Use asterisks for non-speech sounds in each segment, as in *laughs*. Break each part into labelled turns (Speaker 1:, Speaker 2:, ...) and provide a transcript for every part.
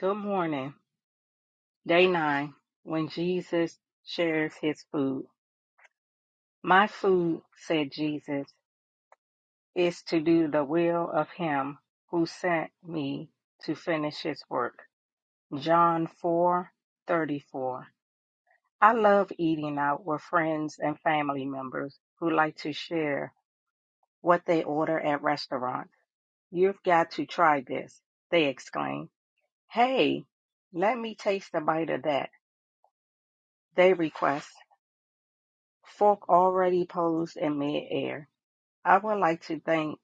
Speaker 1: Good morning. Day nine, when Jesus shares his food. My food, said Jesus, is to do the will of him who sent me to finish his work. John four thirty four. I love eating out with friends and family members who like to share what they order at restaurants. You've got to try this, they exclaim. Hey, let me taste a bite of that, they request. Fork already posed in midair. I would like to think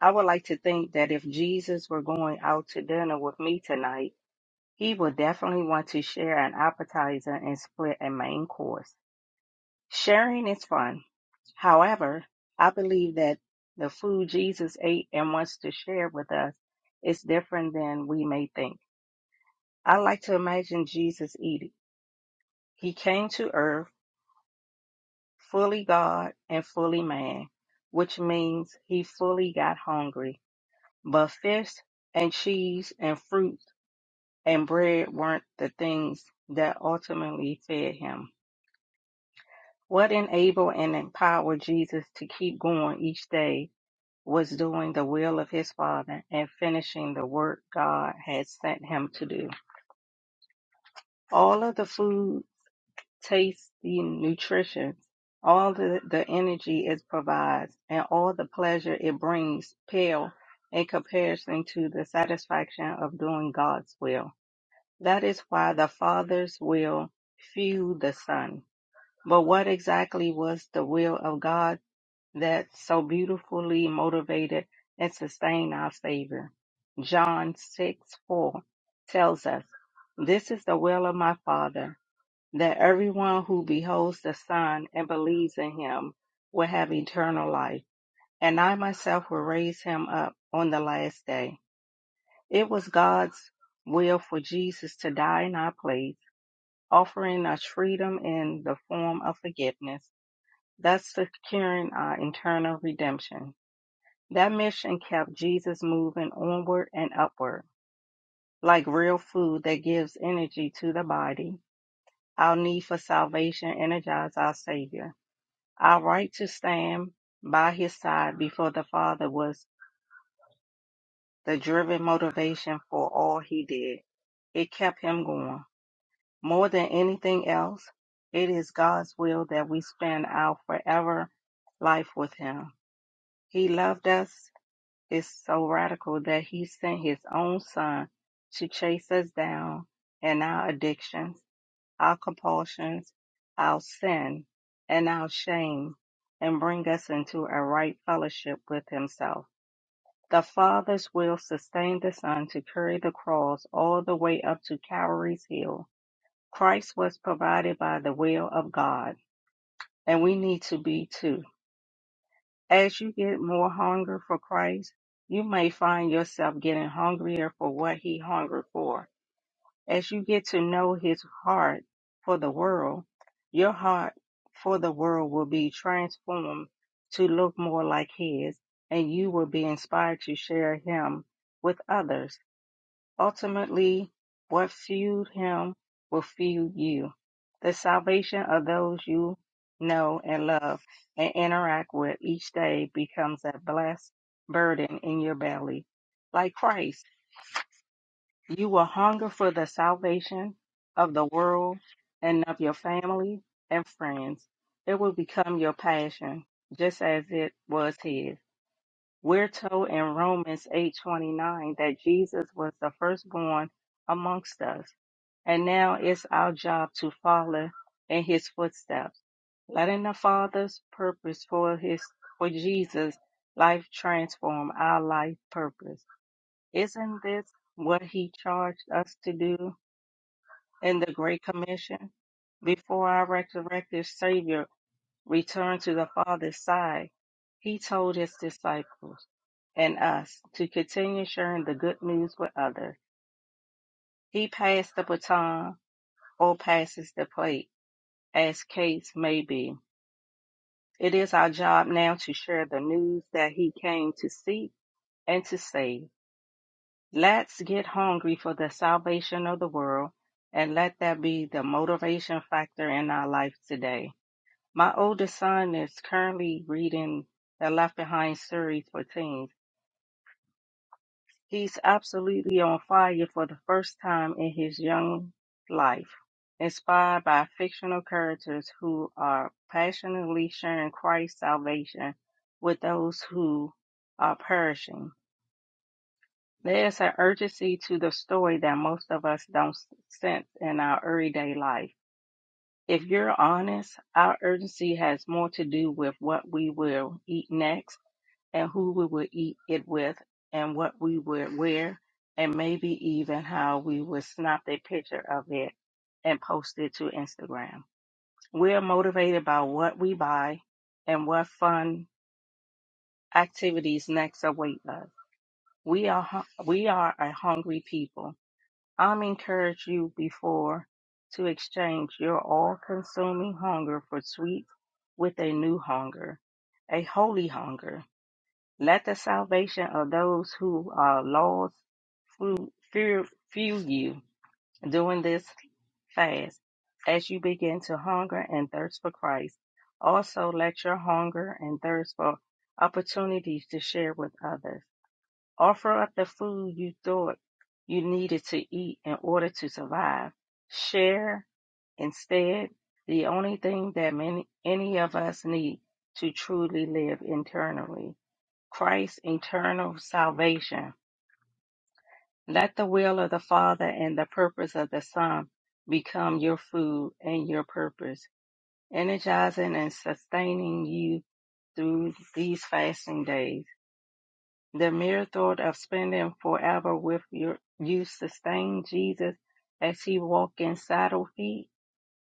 Speaker 1: I would like to think that if Jesus were going out to dinner with me tonight, he would definitely want to share an appetizer and split a main course. Sharing is fun. However, I believe that the food Jesus ate and wants to share with us is different than we may think. I like to imagine Jesus eating. He came to earth fully God and fully man, which means he fully got hungry. But fish and cheese and fruit and bread weren't the things that ultimately fed him. What enabled and empowered Jesus to keep going each day was doing the will of his Father and finishing the work God had sent him to do. All of the food tasty nutrition, all the, the energy it provides, and all the pleasure it brings pale in comparison to the satisfaction of doing God's will. That is why the Father's will fueled the Son. But what exactly was the will of God that so beautifully motivated and sustained our Savior? John 6 4 tells us, This is the will of my Father that everyone who beholds the Son and believes in him will have eternal life, and I myself will raise him up on the last day. It was God's will for Jesus to die in our place, offering us freedom in the form of forgiveness, thus securing our eternal redemption. That mission kept Jesus moving onward and upward, like real food that gives energy to the body. Our need for salvation energized our Savior Our right to stand by his side before the Father was the driven motivation for all he did. It kept him going. More than anything else, it is God's will that we spend our forever life with him. He loved us is so radical that he sent his own son to chase us down and our addictions our compulsions, our sin, and our shame, and bring us into a right fellowship with Himself. The Father's will sustained the Son to carry the cross all the way up to Calvary's Hill. Christ was provided by the will of God, and we need to be too. As you get more hunger for Christ, you may find yourself getting hungrier for what He hungered for As you get to know his heart for the world, your heart for the world will be transformed to look more like his, and you will be inspired to share him with others. Ultimately, what fueled him will fuel you. The salvation of those you know and love and interact with each day becomes a blessed burden in your belly. Like Christ, you will hunger for the salvation of the world and of your family and friends. It will become your passion, just as it was his. We're told in Romans 8:29 that Jesus was the firstborn amongst us, and now it's our job to follow in his footsteps, letting the Father's purpose for his for Jesus' life transform our life purpose. Isn't this what he charged us to do in the Great Commission? Before our resurrected Savior returned to the Father's side, he told his disciples and us to continue sharing the good news with others. He passed the baton or passes the plate, as case may be. It is our job now to share the news that he came to seek and to save. Let's get hungry for the salvation of the world and let that be the motivation factor in our life today. My oldest son is currently reading the Left Behind series for teens. He's absolutely on fire for the first time in his young life, inspired by fictional characters who are passionately sharing Christ's salvation with those who are perishing. There's an urgency to the story that most of us don't s- sense in our everyday life. If you're honest, our urgency has more to do with what we will eat next and who we will eat it with and what we will wear and maybe even how we will snap a picture of it and post it to Instagram. We're motivated by what we buy and what fun activities next await us. We are hu- we are a hungry people I'm encouraged you before to exchange your all-consuming hunger for sweets with a new hunger, a holy hunger. Let the salvation of those who are lost fu- fear- fuel you during this fast as you begin to hunger and thirst for Christ. Also, let your hunger and thirst for opportunities to share with others Offer up the food you thought you needed to eat in order to survive. Share instead the only thing that many, any of us need to truly live internally Christ's eternal salvation. Let the will of the Father and the purpose of the Son become your food and your purpose, energizing and sustaining you through these fasting days. The mere thought of spending forever with your, you sustained Jesus as he walked in saddle feet,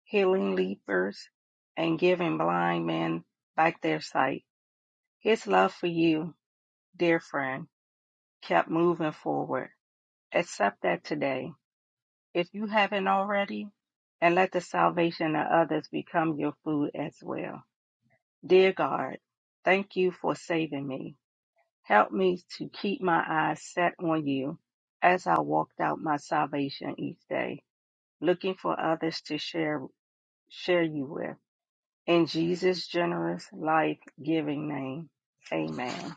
Speaker 1: healing lepers, and giving blind men back their sight. His love for you, dear friend, kept moving forward. Accept that today, if you haven't already, and let the salvation of others become your food as well. Dear God, thank you for saving me. Help me to keep my eyes set on you as I walked out my salvation each day, looking for others to share share you with. In Jesus' generous, life-giving name, amen.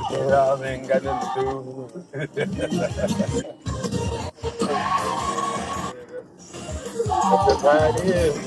Speaker 2: *laughs* Yeah, I ain't got nothing to do. *laughs* That's just how it is.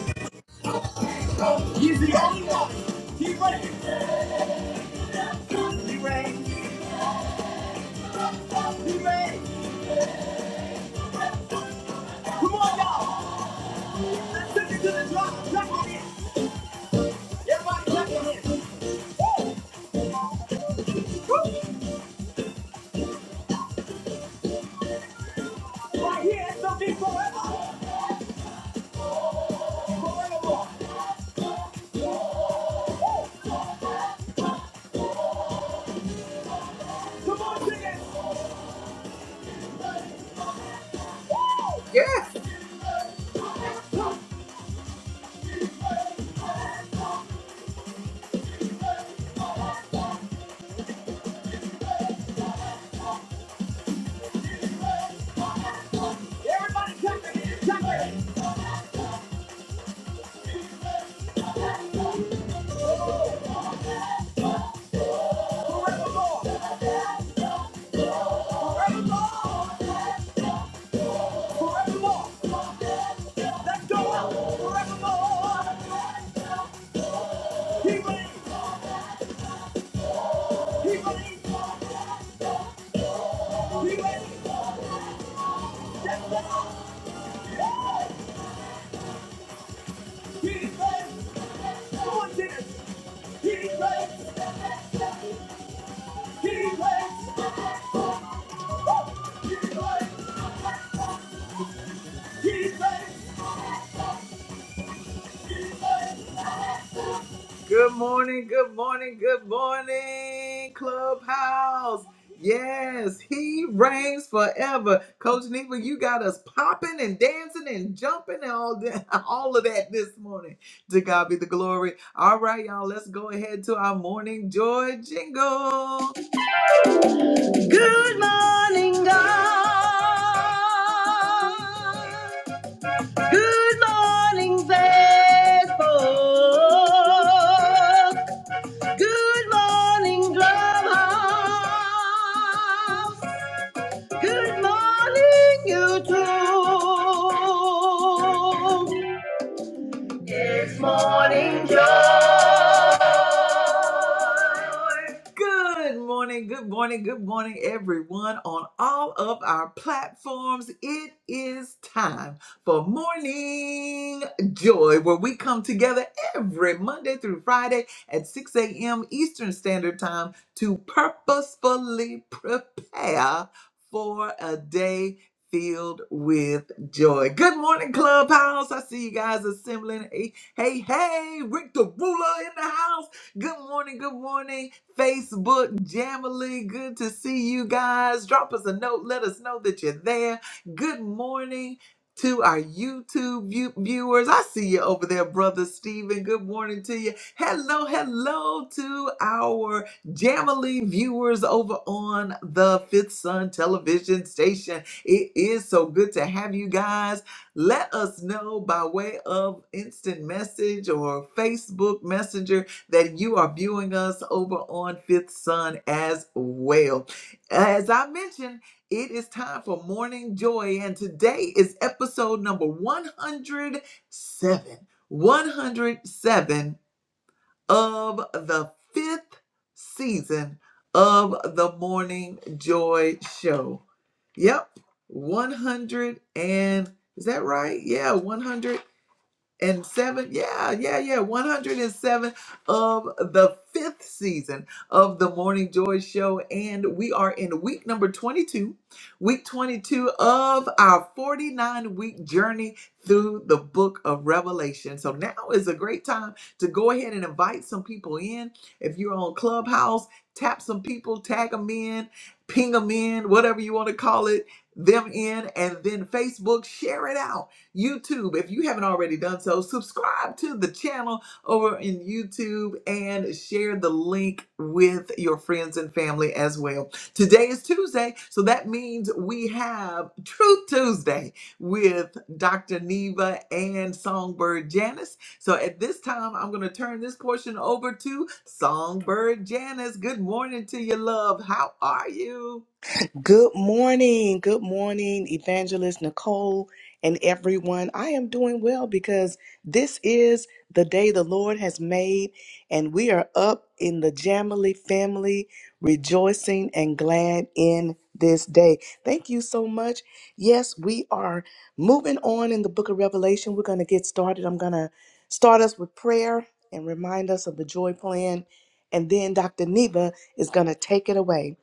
Speaker 3: Good morning. Good morning, Evangelist Nicole and everyone. I am doing well because this is the day the Lord has made, and we are up in the Jamily family, rejoicing and glad in this day. Thank you so much. Yes, we are moving on in the book of Revelation. We're going to get started. I'm going to start us with prayer and remind us of the joy plan, and then Dr. Neva is going to take it away.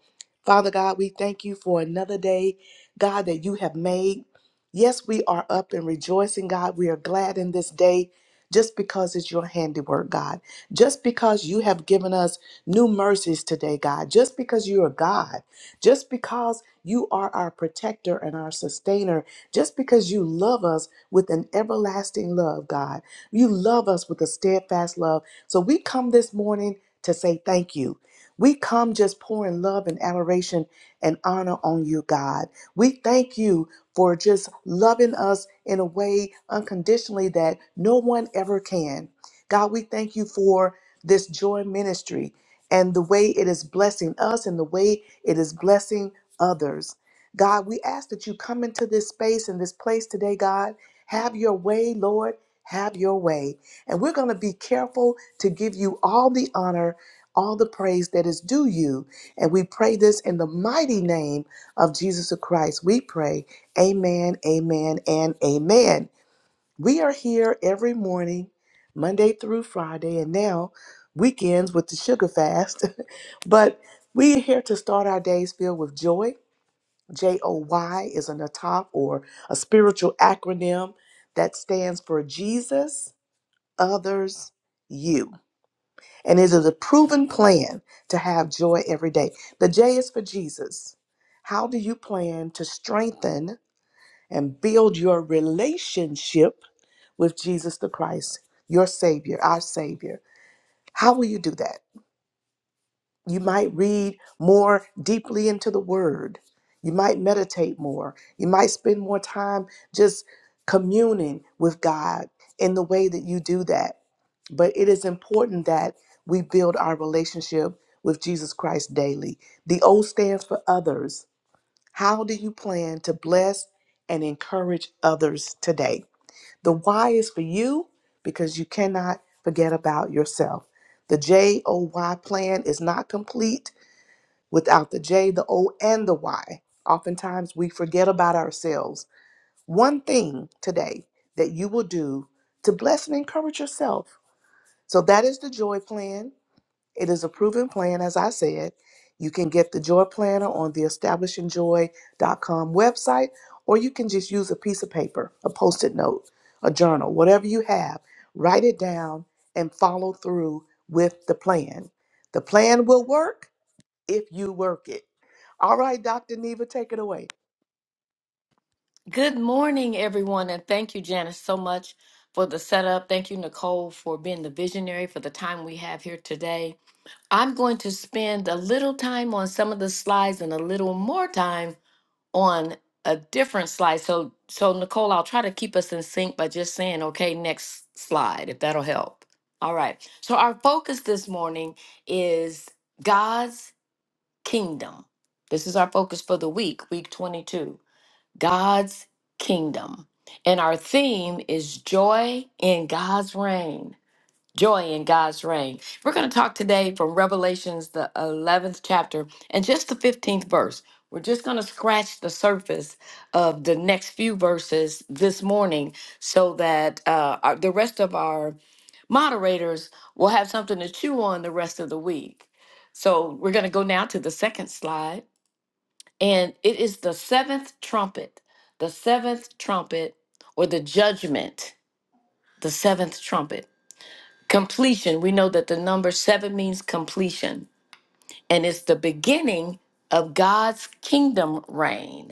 Speaker 3: Father God, we thank you for another day, God, that you have made. Yes, we are up and rejoicing, God. We are glad in this day just because it's your handiwork, God. Just because you have given us new mercies today, God. Just because you are God. Just because you are our protector and our sustainer. Just because you love us with an everlasting love, God. You love us with a steadfast love. So we come this morning to say thank you. We come just pouring love and adoration and honor on you, God. We thank you for just loving us in a way unconditionally that no one ever can. God, we thank you for this joy ministry and the way it is blessing us and the way it is blessing others. God, we ask that you come into this space and this place today, God. Have your way, Lord. Have your way. And we're going to be careful to give you all the honor all the praise that is due you. And we pray this in the mighty name of Jesus Christ. We pray, Amen, Amen, and Amen. We are here every morning, Monday through Friday, and now weekends with the sugar fast. *laughs* but we are here to start our days filled with joy. J O Y is an atop or a spiritual acronym that stands for Jesus, others, you. And it is a proven plan to have joy every day. The J is for Jesus. How do you plan to strengthen and build your relationship with Jesus the Christ, your Savior, our Savior? How will you do that? You might read more deeply into the Word. You might meditate more. You might spend more time just communing with God in the way that you do that. But it is important that we build our relationship with Jesus Christ daily. The O stands for others. How do you plan to bless and encourage others today? The Y is for you because you cannot forget about yourself. The J O Y plan is not complete without the J, the O, and the Y. Oftentimes we forget about ourselves. One thing today that you will do to bless and encourage yourself. So that is the joy plan. It is a proven plan, as I said. You can get the Joy Planner on the establishingjoy.com website, or you can just use a piece of paper, a post it note, a journal, whatever you have. Write it down and follow through with the plan. The plan will work if you work it. All right, Dr. Neva, take it away.
Speaker 4: Good morning, everyone, and thank you, Janice, so much for the setup. Thank you, Nicole, for being the visionary for the time we have here today. I'm going to spend a little time on some of the slides and a little more time on a different slide. So, so Nicole, I'll try to keep us in sync by just saying, okay, next slide, if that'll help. All right. So, our focus this morning is God's kingdom. This is our focus for the week, week 22. God's kingdom. And our theme is joy in God's reign. Joy in God's reign. We're going to talk today from Revelations, the 11th chapter, and just the 15th verse. We're just going to scratch the surface of the next few verses this morning so that uh, our, the rest of our moderators will have something to chew on the rest of the week. So we're going to go now to the second slide and it is the seventh trumpet, the seventh trumpet, or the judgment, the seventh trumpet. Completion. We know that the number seven means completion, and it's the beginning of God's kingdom reign.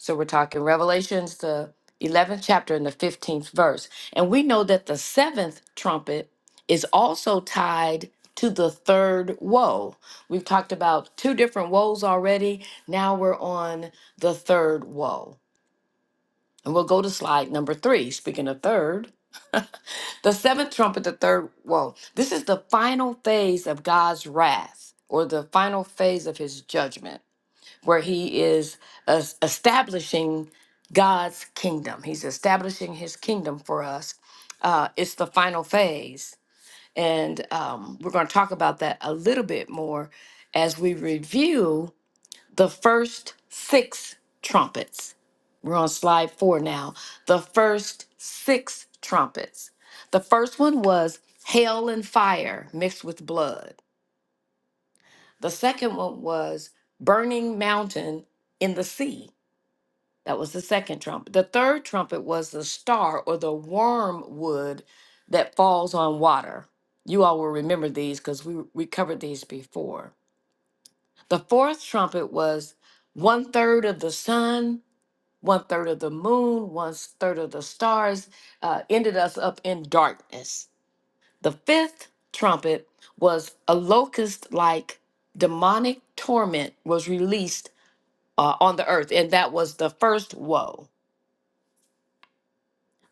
Speaker 4: So we're talking Revelations, the 11th chapter and the 15th verse. And we know that the seventh trumpet is also tied to the third woe. We've talked about two different woes already. Now we're on the third woe. And we'll go to slide number three. Speaking of third, the seventh trumpet, the third woe. This is the final phase of God's wrath or the final phase of his judgment where he is es- establishing God's kingdom. He's establishing his kingdom for us. Uh, it's the final phase. And um, we're going to talk about that a little bit more as we review the first six trumpets. We're on slide four now. The first six trumpets. The first one was hail and fire mixed with blood. The second one was burning mountain in the sea. That was the second trumpet. The third trumpet was the star or the wormwood that falls on water. You all will remember these because we, we covered these before. The fourth trumpet was one third of the sun, one third of the moon, one third of the stars, uh, ended us up in darkness. The fifth trumpet was a locust like demonic torment was released uh, on the earth, and that was the first woe.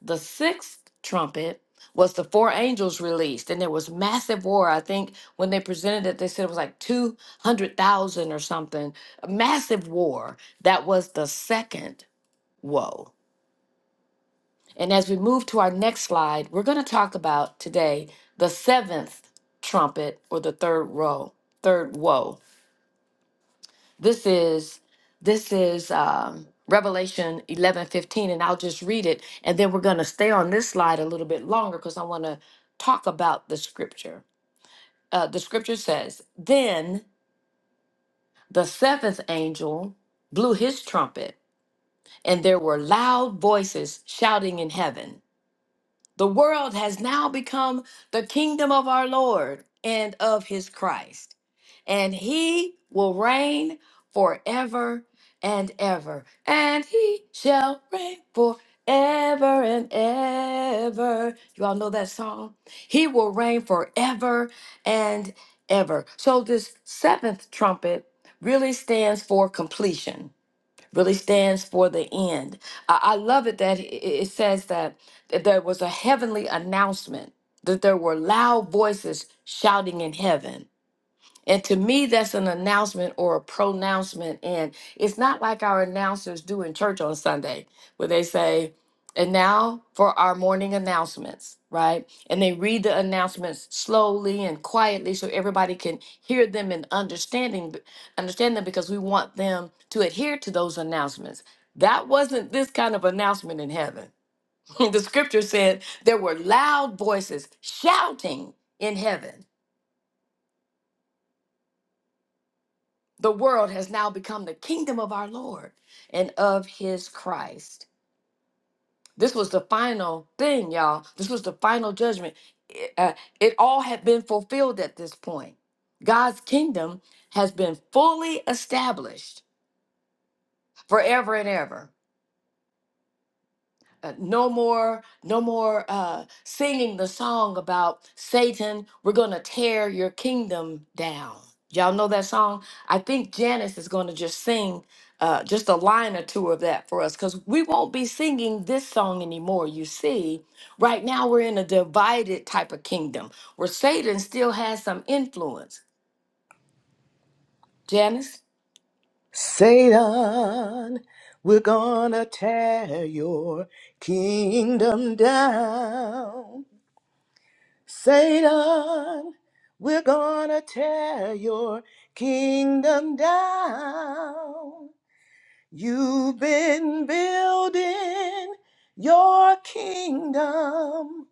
Speaker 4: the sixth trumpet was the four angels released and there was massive war i think when they presented it they said it was like 200000 or something a massive war that was the second woe and as we move to our next slide we're going to talk about today the seventh trumpet or the third row third woe This is this is um, Revelation eleven fifteen, and I'll just read it, and then we're going to stay on this slide a little bit longer because I want to talk about the scripture. Uh, the scripture says, "Then the seventh angel blew his trumpet, and there were loud voices shouting in heaven." The world has now become the kingdom of our Lord and of his Christ, and he will reign forever and ever. And he shall reign forever and ever. You all know that song? He will reign forever and ever. So, this seventh trumpet really stands for completion really stands for the end. I, I love it that it it says that, that there was a heavenly announcement, that there were loud voices shouting in heaven and to me, that's an announcement or a pronouncement. And it's not like our announcers do in church on Sunday, where they say, and now for our morning announcements, right? And they read the announcements slowly and quietly so everybody can hear them and understanding understand them because we want them to adhere to those announcements. That wasn't this kind of announcement in heaven. *laughs* the scripture said there were loud voices shouting in heaven The world has now become the kingdom of our Lord and of his Christ. This was the final thing, y'all. This was the final judgment. It, uh, it all had been fulfilled at this point. God's kingdom has been fully established forever and ever. uh, no more no more uh, singing the song about satan we're gonna tear your kingdom down y'all know that song i think janice is gonna just sing uh, just a line or two of that for us because we won't be singing this song anymore you see right now we're in a divided type of kingdom where satan still has some influence janice
Speaker 3: Satan, we're gonna tear your kingdom down. Satan, we're gonna tear your kingdom down. You've been building your kingdom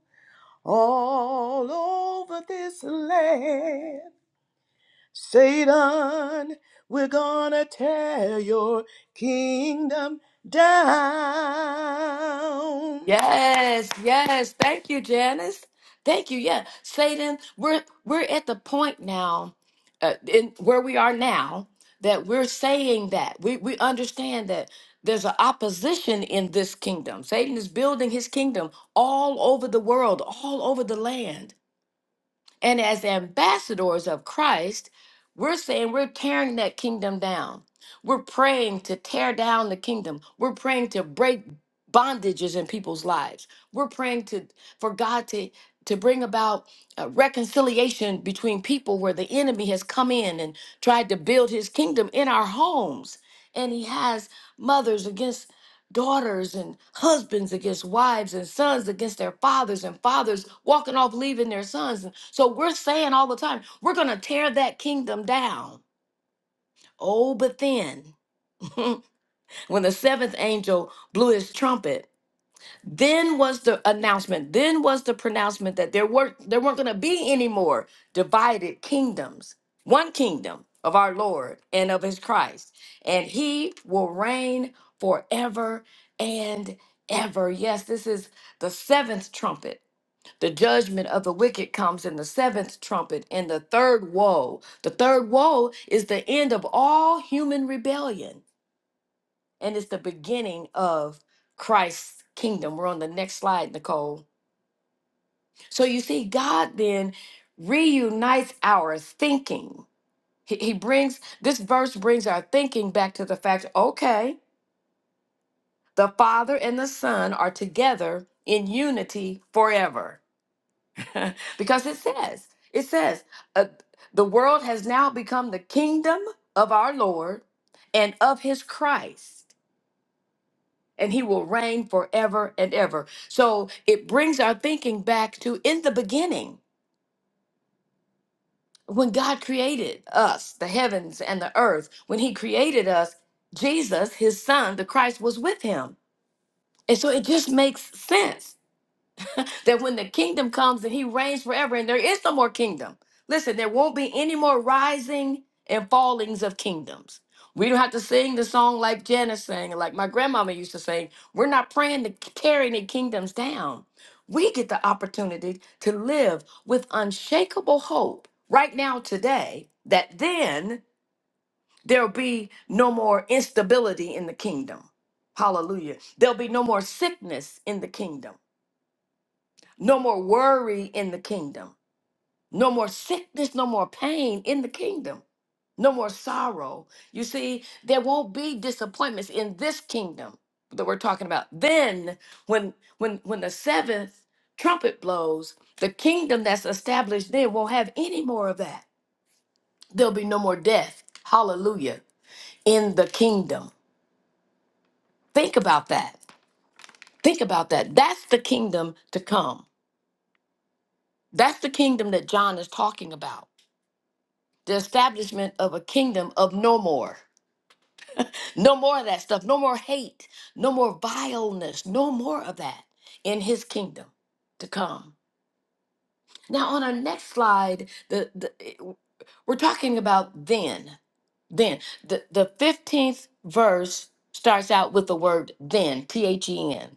Speaker 3: all over this land. Satan, we're gonna tear your kingdom down.
Speaker 4: Yes, yes. Thank you, Janice. Thank you. Yeah, Satan, we're we're at the point now, uh, in where we are now, that we're saying that we we understand that there's an opposition in this kingdom. Satan is building his kingdom all over the world, all over the land and as ambassadors of Christ, we're saying we're tearing that kingdom down. We're praying to tear down the kingdom. We're praying to break bondages in people's lives. We're praying to for God to to bring about uh, reconciliation between people where the enemy has come in and tried to build his kingdom in our homes. And he has mothers against daughters and husbands against wives and sons against their fathers and fathers walking off leaving their sons so we're saying all the time, we're going to tear that kingdom down. Oh, but then, *laughs* when the seventh angel blew his trumpet, then was the announcement, then was the pronouncement that there were there weren't going to be any more divided kingdoms. One kingdom of our Lord and of his Christ, and he will reign forever and ever. Yes, this is the seventh trumpet the judgment of the wicked comes in the seventh trumpet in the third woe. The third woe is the end of all human rebellion and it's the beginning of Christ's kingdom. We're on the next slide, Nicole. So you see, God then reunites our thinking. He, he brings this verse brings our thinking back to the fact okay, the Father and the Son are together in unity forever. *laughs* because it says, it says, uh, the world has now become the kingdom of our Lord and of his Christ, and he will reign forever and ever. So it brings our thinking back to in the beginning, when God created us, the heavens and the earth, when he created us, Jesus, his son, the Christ, was with him. And so it just makes sense that when the kingdom comes and he reigns forever and there is no more kingdom listen there won't be any more rising and fallings of kingdoms we don't have to sing the song like janice sang and like my grandmama used to sing we're not praying to tear any kingdoms down we get the opportunity to live with unshakable hope right now today that then there'll be no more instability in the kingdom hallelujah there'll be no more sickness in the kingdom no more worry in the kingdom. No more sickness, no more pain in the kingdom. No more sorrow. You see, there won't be disappointments in this kingdom that we're talking about. Then when when when the seventh trumpet blows, the kingdom that's established then won't have any more of that. There'll be no more death. Hallelujah. In the kingdom. Think about that. Think about that. That's the kingdom to come. That's the kingdom that John is talking about. the establishment of a kingdom of no more. No more of that stuff. No more hate. No more vileness. No more of that in his kingdom to come. Now, on our next slide, the, the it- we're talking about then. Then. The, the 15th verse starts out with the word then, T H E N.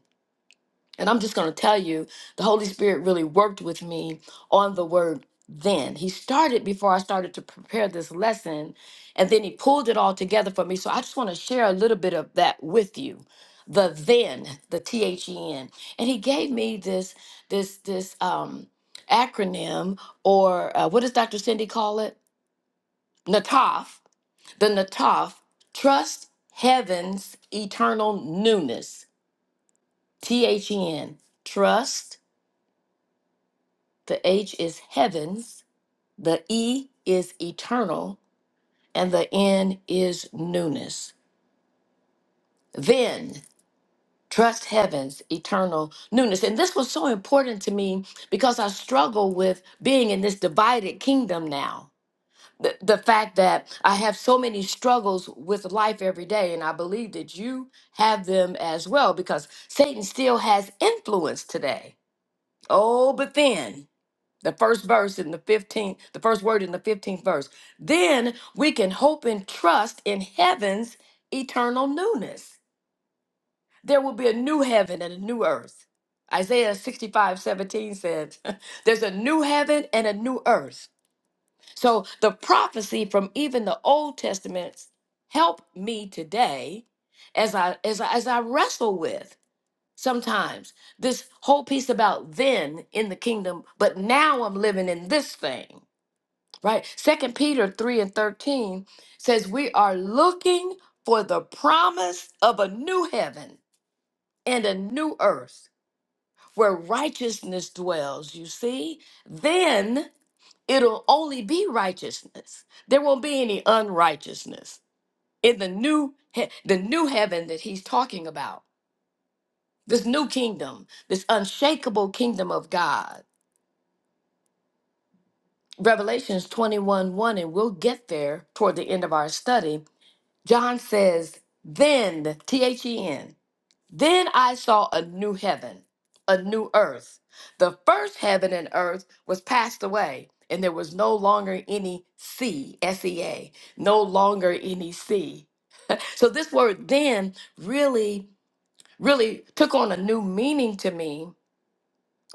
Speaker 4: And I'm just going to tell you, the Holy Spirit really worked with me on the word then. He started before I started to prepare this lesson, and then he pulled it all together for me. So I just want to share a little bit of that with you. The then, the T H E N. And he gave me this this this um acronym or uh, what does Dr. Cindy call it? NATOF. The NATOF, trust heaven's eternal newness. T H E N. Trust The H is heavens, the E is eternal, and the N is newness. Then trust heaven's eternal newness. And this was so important to me because I struggle with being in this divided kingdom now. The, the fact that I have so many struggles with life every day, and I believe that you have them as well because Satan still has influence today. Oh, but then. the first verse in the 15th, the first word in the 15th verse. Then we can hope and trust in heaven's eternal newness. There will be a new heaven and a new earth. Isaiah 65 17 says, *laughs* There's a new heaven and a new earth. So the prophecy from even the Old Testaments help me today as I as I, as I wrestle with sometimes this whole piece about then in the kingdom, but now I'm living in this thing right? Second Peter 3 and 13 says, We are looking for the promise of a new heaven and a new earth where righteousness dwells. You see, then it'll only be righteousness. There won't be any unrighteousness in the new he- the new heaven that he's talking about. This new kingdom, this unshakable kingdom of God. Revelations 21 1, and we'll get there toward the end of our study John says, Then, T H E N, then I saw a new heaven, a new earth. The first heaven and earth was passed away, and there was no longer any sea, S E A, no longer any sea. So this word then really, really took on a new meaning to me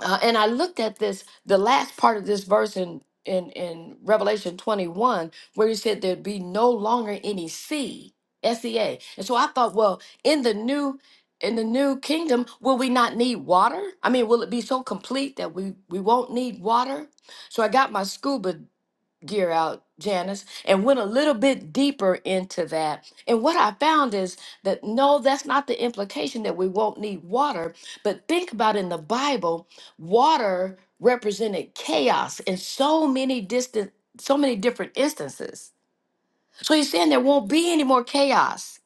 Speaker 4: uh, and I looked at this, the last part of this verse in, in in Revelation 21, where he said there'd be no longer any sea, S-E-A. And so I thought, well, in the new in the new kingdom, will we not need water? I mean, will it be so complete that we we won't need water? So I got my scuba gear out, Janice, and went a little bit deeper into that. And what I found is that no, that's not the implication that we won't need water, but think about in the Bible, water represented chaos in so many distant so many different instances. So he's saying there won't be any more chaos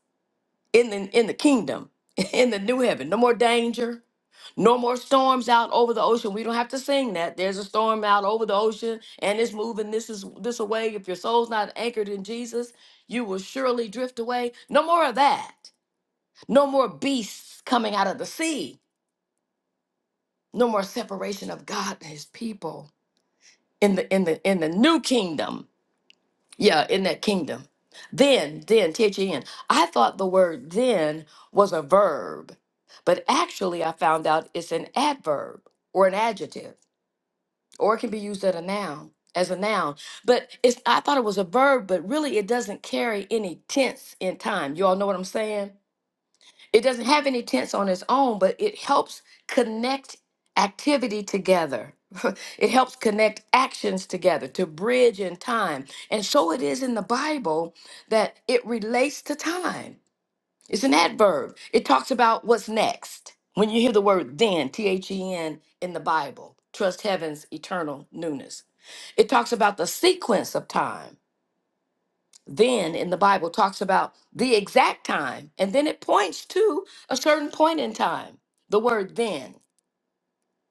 Speaker 4: in the in the kingdom, *laughs* in the new heaven, no more danger no more storms out over the ocean. We don't have to sing that. There's a storm out over the ocean, and it's moving this is this away. If your soul's not anchored in Jesus, you will surely drift away. No more of that. No more beasts coming out of the sea. No more separation of God and his people in the in the in the new kingdom. Yeah, in that kingdom. Then, then, T-H-E-N. I thought the word then was a verb, but actually I found out it's an adverb or an adjective. or it can be used as a noun as a noun but it's i thought it was a verb but really it doesn't carry any tense in time you all know what i'm saying it doesn't have any tense on its own but it helps connect activity together *laughs* it helps connect actions together to bridge in time and so it is in the bible that it relates to time it's an adverb. It talks about what's next. When you hear the word then, T H E N, in the Bible, trust heaven's eternal newness. It talks about the sequence of time. Then in the Bible talks about the exact time, and then it points to a certain point in time. The word then,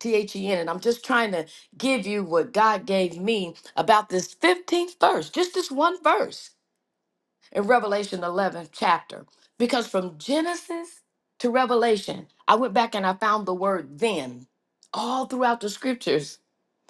Speaker 4: T H E N. And I'm just trying to give you what God gave me about this 15th verse, just this one verse in Revelation 11th chapter. Because from Genesis to Revelation, I went back and I found the word then all throughout the scriptures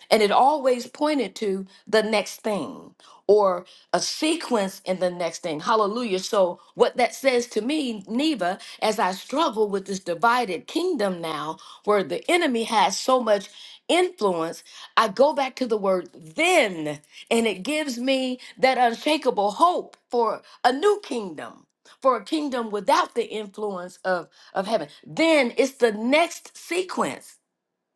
Speaker 4: and it always pointed to the next thing or a sequence in the next thing. Hallelujah. So, what that says to me, Neva, as I struggle with this divided kingdom now, where the enemy has so much influence, I go back to the word then, and it gives me that unshakable hope for a new kingdom. For a kingdom without the influence of, of heaven. Then it's the next sequence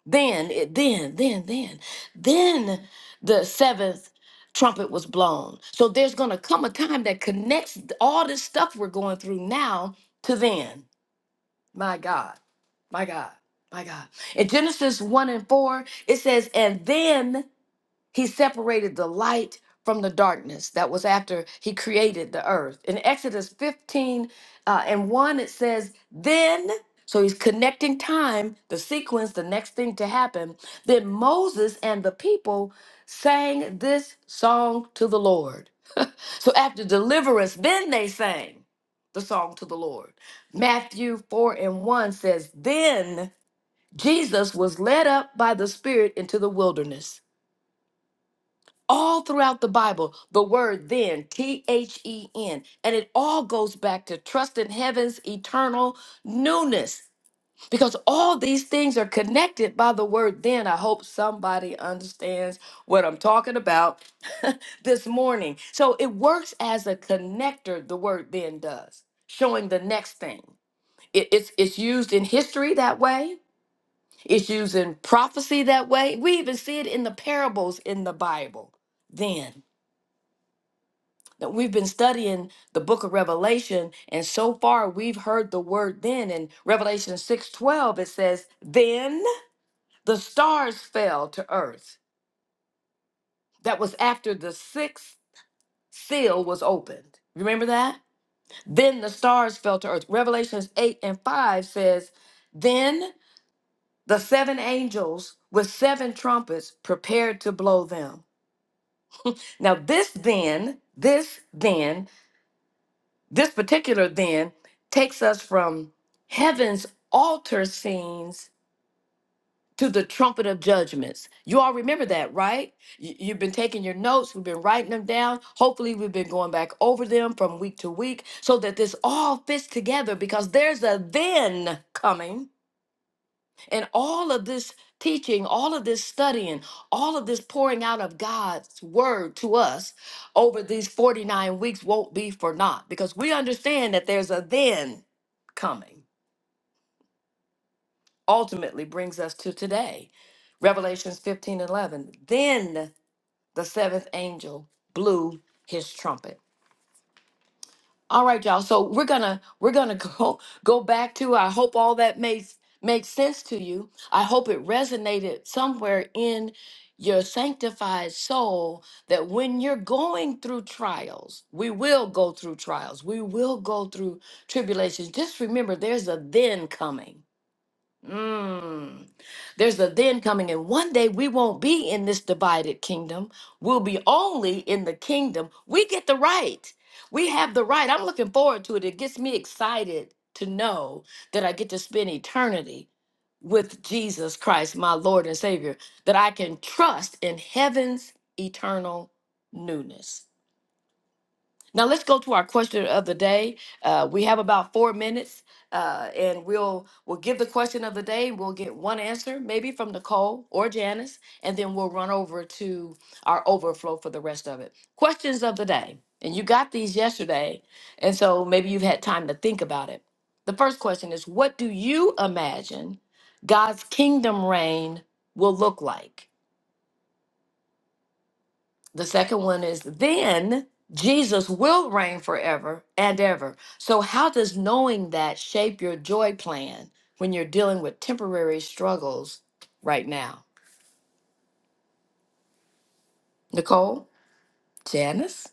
Speaker 4: then, it, then, then, then, then the seventh trumpet was blown. So there's going to come a time that connects all this stuff we're going through now to then. My God, my God, my God. In Genesis 1 and 4, it says, And then he separated the light from the darkness. That was after he created the earth. In Exodus 15 uh, and 1, it says, Then, so he's connecting time, the sequence, the next thing to happen. Then Moses and the people sang this song to the Lord. So after deliverance, then they sang the song to the Lord. Matthew 4 and 1 says, Then Jesus was led up by the Spirit into the wilderness all throughout the Bible, the word then, T H E N, and it all goes back to trust in heaven's eternal newness because all these things are connected by the word then. I hope somebody understands what I'm talking about *laughs* this morning. So it works as a connector, the word then does, showing the next thing. It- it's, it's used in history that way, it's used in prophecy that way. We even see it in the parables in the Bible then that we've been studying the book of revelation and so far we've heard the word then in revelation 6:12 it says then the stars fell to earth that was after the sixth seal was opened remember that then the stars fell to earth revelations 8 and 5 says then the seven angels with seven trumpets prepared to blow them now this then this then This particular then takes us from heaven's altar scenes to the trumpet of judgments. You all remember that, right? You, you've been taking your notes, we've been writing them down. Hopefully, we've been going back over them from week to week so that this all fits together because there's a then coming and all of this teaching, all of this studying, all of this pouring out of God's word to us over these 49 weeks won't be for naught because we understand that there's a then coming. Ultimately brings us to today. Revelations 15 11. Then the seventh angel blew his trumpet All right, y'all. So we're gonna we're gonna *laughs* go go back to. I hope all that makes makes sense to you. I hope it resonated somewhere in your sanctified soul that when you're going through trials, we will go through trials. We will go through tribulations. Just remember, there's a then coming. Mm. There's a then coming, and one day we won't be in this divided kingdom. We'll be only in the kingdom. We get the right. We have the right. I'm looking forward to it. It gets me excited to know that I get to spend eternity with Jesus Christ, my Lord and Savior, that I can trust in heaven's eternal newness. Now let's go to our question of the day. Uh, we have about four minutes, uh, and we'll we'll give the question of the day. We'll get one answer, maybe from Nicole or Janice, and then we'll run over to our overflow for the rest of it. Questions of the day, and you got these yesterday, and so maybe you've had time to think about it. The first question is, what do you imagine God's kingdom reign will look like? The second one is then Jesus will reign forever and ever. So, how does knowing that shape your joy plan when you're dealing with temporary struggles right now? Nicole, Janice?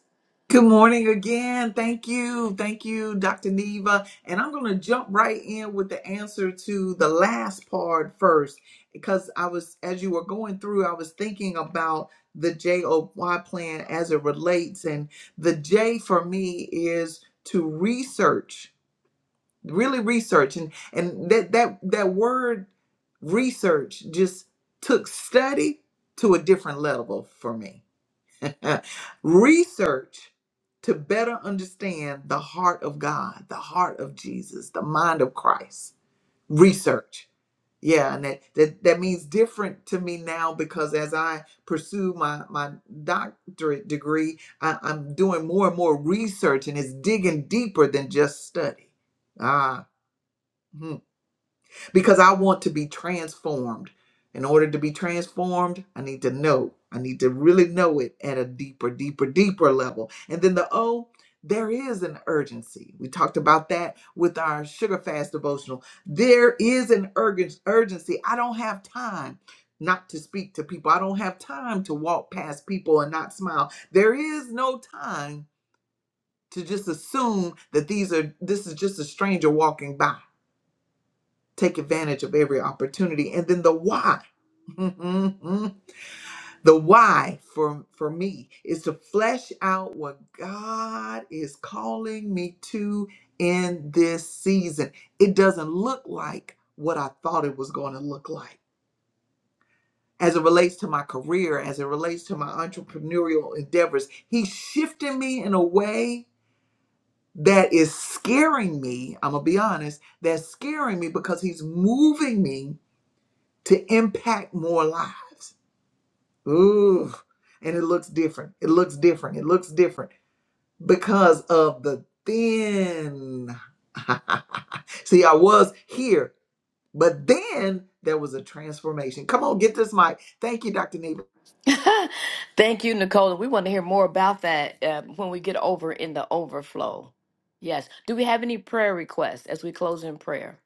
Speaker 4: *laughs* Thank you, Nicole. We want to hear more about that uh, when we get over in the overflow. Yes. Do we have any prayer requests as we close in prayer?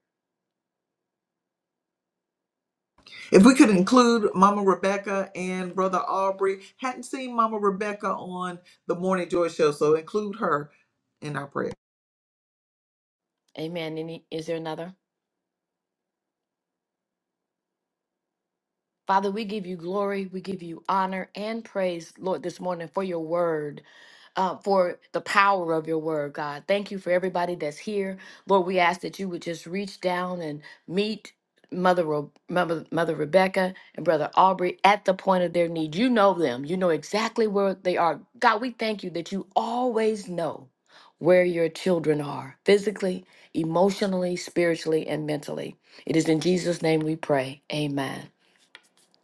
Speaker 4: Amen. Any, is there another? Father, we give you glory, we give you honor and praise, Lord, this morning for your word, uh, for the power of your word, God. Thank you for everybody that's here. Lord, we ask that you would just reach down and meet Mother, Re- Mother, Mother Rebecca and Brother Aubrey at the point of their need. You know them, you know exactly where they are. God, we thank you that you always know where your children are physically, emotionally, spiritually, and mentally. It is in Jesus' name we pray. Amen.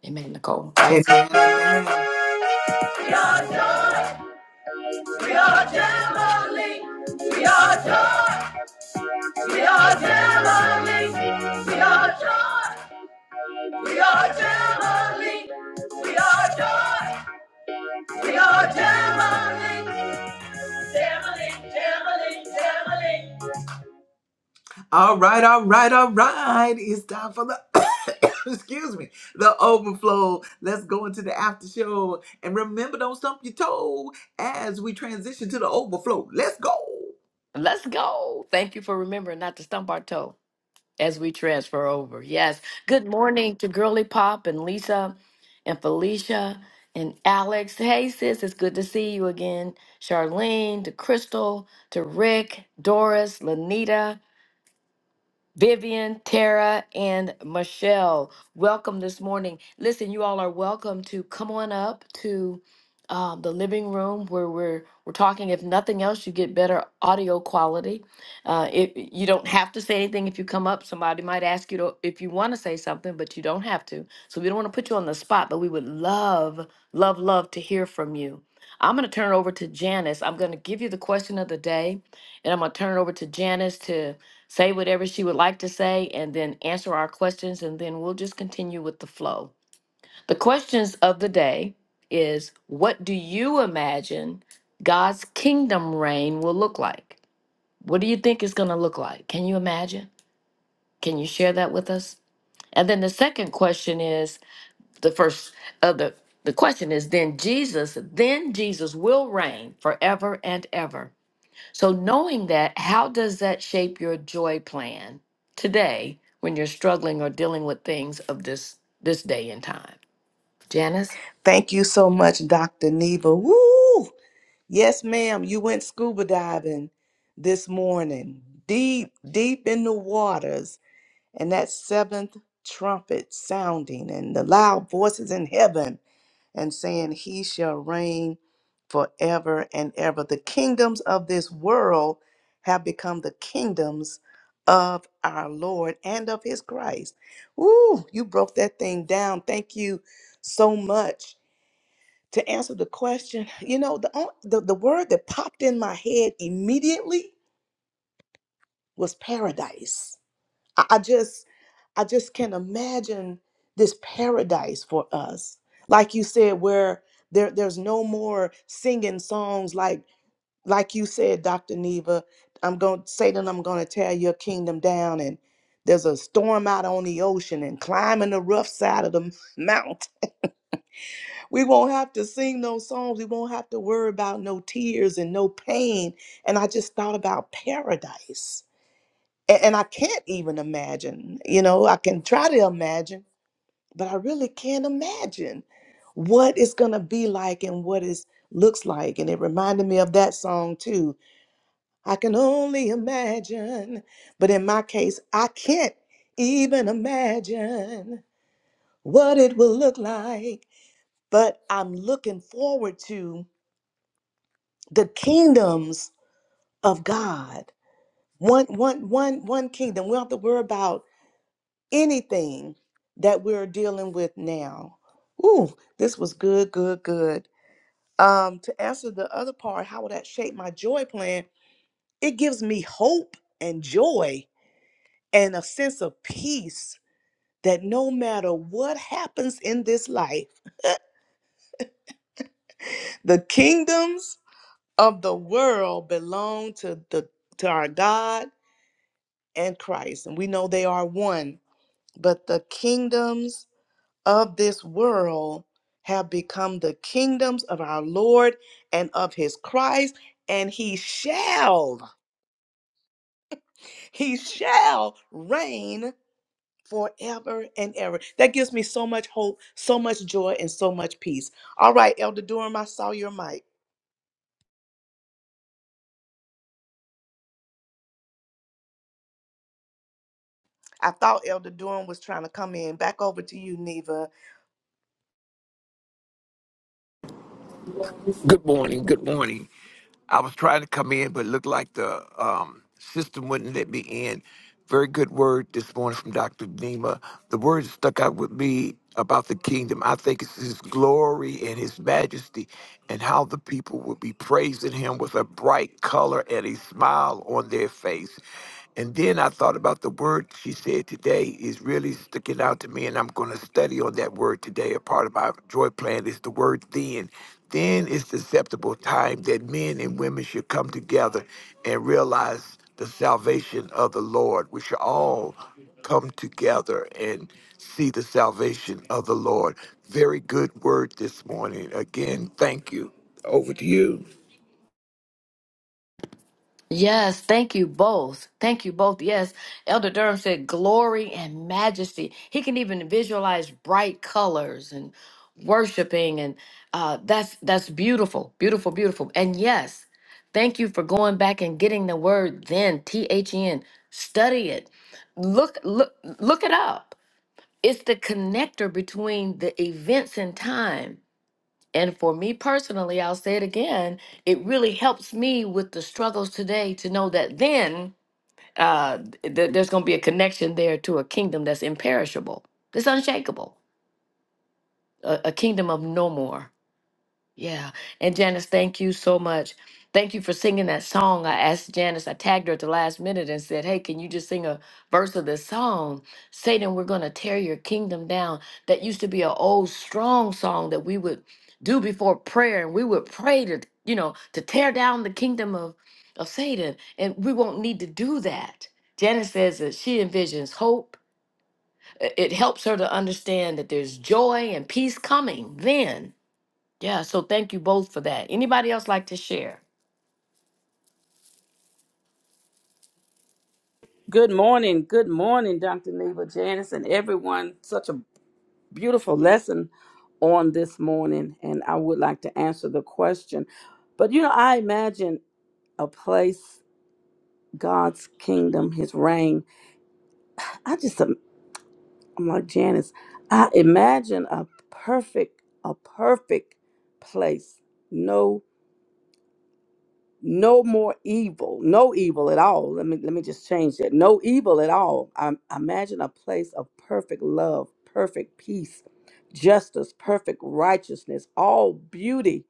Speaker 4: Amen, Nicole. Back to Let's go. Thank you for remembering not to stump our toe as we transfer over. Yes. Good morning to Girly Pop and Lisa and Felicia and Alex. Hey, sis, it's good to see you again. Charlene, to Crystal, to Rick, Doris, Lanita. Vivian, Tara, and Michelle, welcome this morning. Listen, you all are welcome to come on up to um, the living room where we're we're talking. If nothing else, you get better audio quality. Uh, it, you don't have to say anything if you come up. Somebody might ask you to, if you want to say something, but you don't have to. So we don't want to put you on the spot, but we would love, love, love to hear from you. I'm going to turn it over to Janice. I'm going to give you the question of the day, and I'm going to turn it over to Janice to say whatever she would like to say, and then answer our questions, and then we'll just continue with the flow. The questions of the day is what do you imagine God's kingdom reign will look like? What do you think it's going to look like? Can you imagine? Can you share that with us? And then the second question is the first of the the question is then Jesus, then Jesus will reign forever and ever. So, knowing that, how does that shape your joy plan today when you're struggling or dealing with things of this this day and time? Janice?
Speaker 3: Thank you so much, Dr. Neva. Woo! Yes, ma'am. You went scuba diving this morning, deep, deep in the waters, and that seventh trumpet sounding, and the loud voices in heaven, and saying, He shall reign forever and ever. The kingdoms of this world have become the kingdoms of our Lord and of His Christ. Ooh, you broke that thing down. Thank you so much to answer the question, you know, the, on- the the word that popped in my head immediately was paradise. I, I just I just can imagine this paradise for us. Like you said, where there there's no more singing songs like like you said, Dr. Neva, I'm going Satan, I'm gonna tear your kingdom down and there's a storm out on the ocean and climbing the rough side of the *laughs* mountain We won't have to sing those songs. We won't have to worry about no tears and no pain. And I just thought about paradise. And, and I can't even imagine, you know, I can try to imagine, but I really can't imagine what it's going to be like and what it looks like. And it reminded me of that song too. I can only imagine. But in my case, I can't even imagine what it will look like. But I'm looking forward to the kingdoms of God. One, one, one, one kingdom. We don't have to worry about anything that we're dealing with now. Ooh, this was good, good, good. Um, to answer the other part, how will that shape my joy plan? It gives me hope and joy and a sense of peace that no matter what happens in this life, the kingdoms of the world belong to the to our God and Christ, and we know they are one. But the kingdoms of this world have become the kingdoms of our Lord and of his Christ, and he shall, he shall reign forever and ever. That gives me so much hope, so much joy, and so much peace. All right, Elder Durham, I saw your mic. I thought Elder Durham was trying to come in. Back over to you, Neva.
Speaker 2: Good morning. Good morning. I was trying to come in, but it looked like the um, system wouldn't let me in. Very good word this morning from Dr. Nima. The word that stuck out with me about the kingdom. I think it's his glory and his majesty and how the people will be praising him with a bright color and a smile on their face. And then I thought about the word she said today is really sticking out to me, and I'm going to study on that word today. A part of my joy plan is the word then. Then is the acceptable time that men and women should come together and realize the salvation of the Lord. We should all come together and see the salvation of the Lord. Very good word this morning. Again, thank you. Over to you.
Speaker 4: Yes, thank you both. Thank you both. Yes, Elder Durham said glory and majesty. He can even visualize bright colors and worshiping and uh that's that's beautiful. Beautiful, beautiful. And yes, thank you for going back and getting the word then, T H E N. Study it. Look look look it up it's the connector between the events and time. And for me personally, I'll say it again, it really helps me with the struggles today to know that then uh, th- there's going to be a connection there to a kingdom that's imperishable, that's unshakable, a, a kingdom of no more. Yeah. And Janice, thank you so much. Thank you for singing that song. I asked Janice, I tagged her at the last minute and said, Hey, can you just sing a verse of this song? Satan, we're going to tear your kingdom down. That used to be an old, strong song that we would do before prayer and we would pray to, you know, to tear down the kingdom of, of Satan. And we won't need to do that. Janice says that she envisions hope. I- It helps her to understand that there's joy and peace coming then yeah, so thank you both for that. Anybody else like to share?
Speaker 5: Good morning. Good morning, Dr. Neva Janice, and everyone. Such a beautiful lesson on this morning. And I would like to answer the question. But, you know, I imagine a place, God's kingdom, his reign. I just, um, I'm like Janice, I imagine a perfect, a perfect place. No no more evil, no evil at all. Let me let me just change that. No evil at all. I I imagine a place of perfect love, perfect peace, justice, perfect righteousness, all beauty.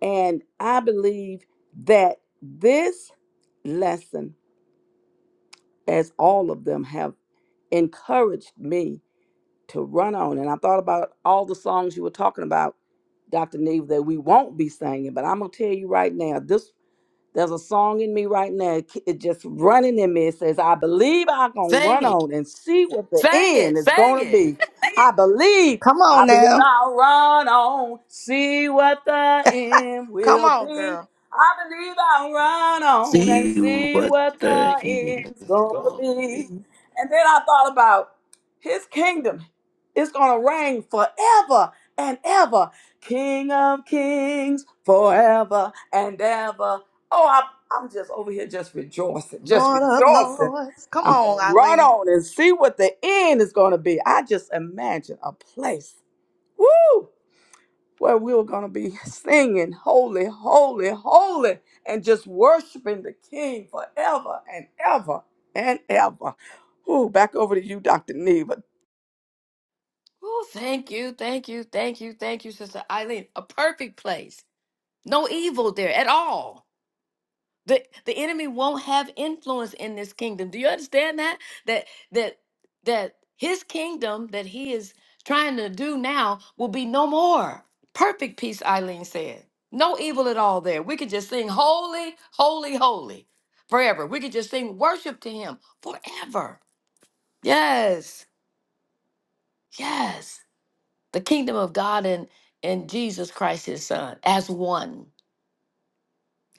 Speaker 5: And I believe that this lesson, as all of them have encouraged me to run on. And I thought about all the songs you were talking about, Dr. Neve, that we won't be singing. But I'm gonna tell you right now, this there's a song in me right now. It ke- it just running in me. It says, I believe I can
Speaker 4: Sing
Speaker 5: run
Speaker 4: it,
Speaker 5: on and see what the
Speaker 4: sing it,
Speaker 5: end is
Speaker 4: sing
Speaker 5: going to
Speaker 4: it.
Speaker 5: be.
Speaker 4: *laughs*
Speaker 5: I believe,
Speaker 3: Come
Speaker 5: I
Speaker 3: on
Speaker 5: believe
Speaker 3: now.
Speaker 5: I'll run on, see what the end
Speaker 3: Come
Speaker 5: will
Speaker 3: on,
Speaker 5: be.
Speaker 3: girl.
Speaker 5: I believe I'll run on and
Speaker 2: See
Speaker 5: see
Speaker 2: what
Speaker 5: what
Speaker 2: the
Speaker 5: the
Speaker 2: end
Speaker 5: end's
Speaker 2: is
Speaker 5: going to
Speaker 2: going to be.
Speaker 5: be. And then I thought about his kingdom It's going to reign forever and ever. King of kings forever and ever Oh, I'm, I'm just over here just rejoicing, just
Speaker 3: Lord of
Speaker 5: rejoicing.
Speaker 3: Lords. Come
Speaker 5: I'm
Speaker 3: on,
Speaker 5: going to run
Speaker 3: Eileen.
Speaker 5: on and see what the end is going to be. I just imagine a place, woo, where we were going to be *laughs* singing, holy, holy, holy, and just worshiping the King forever and ever and ever. Ooh, back over to you, Dr. Neva.
Speaker 4: Oh, thank you, thank you, thank you, thank you, Sister Eileen. A perfect place. No evil there at all. The the enemy won't have influence in this kingdom. Do you understand that? That that that his kingdom that he is trying to do now will be no more. Perfect peace, Eileen said. No evil at all there. We could just sing holy, holy, holy forever. We could just sing worship to him forever. Yes. Yes. The kingdom of God and and Jesus Christ his son as one.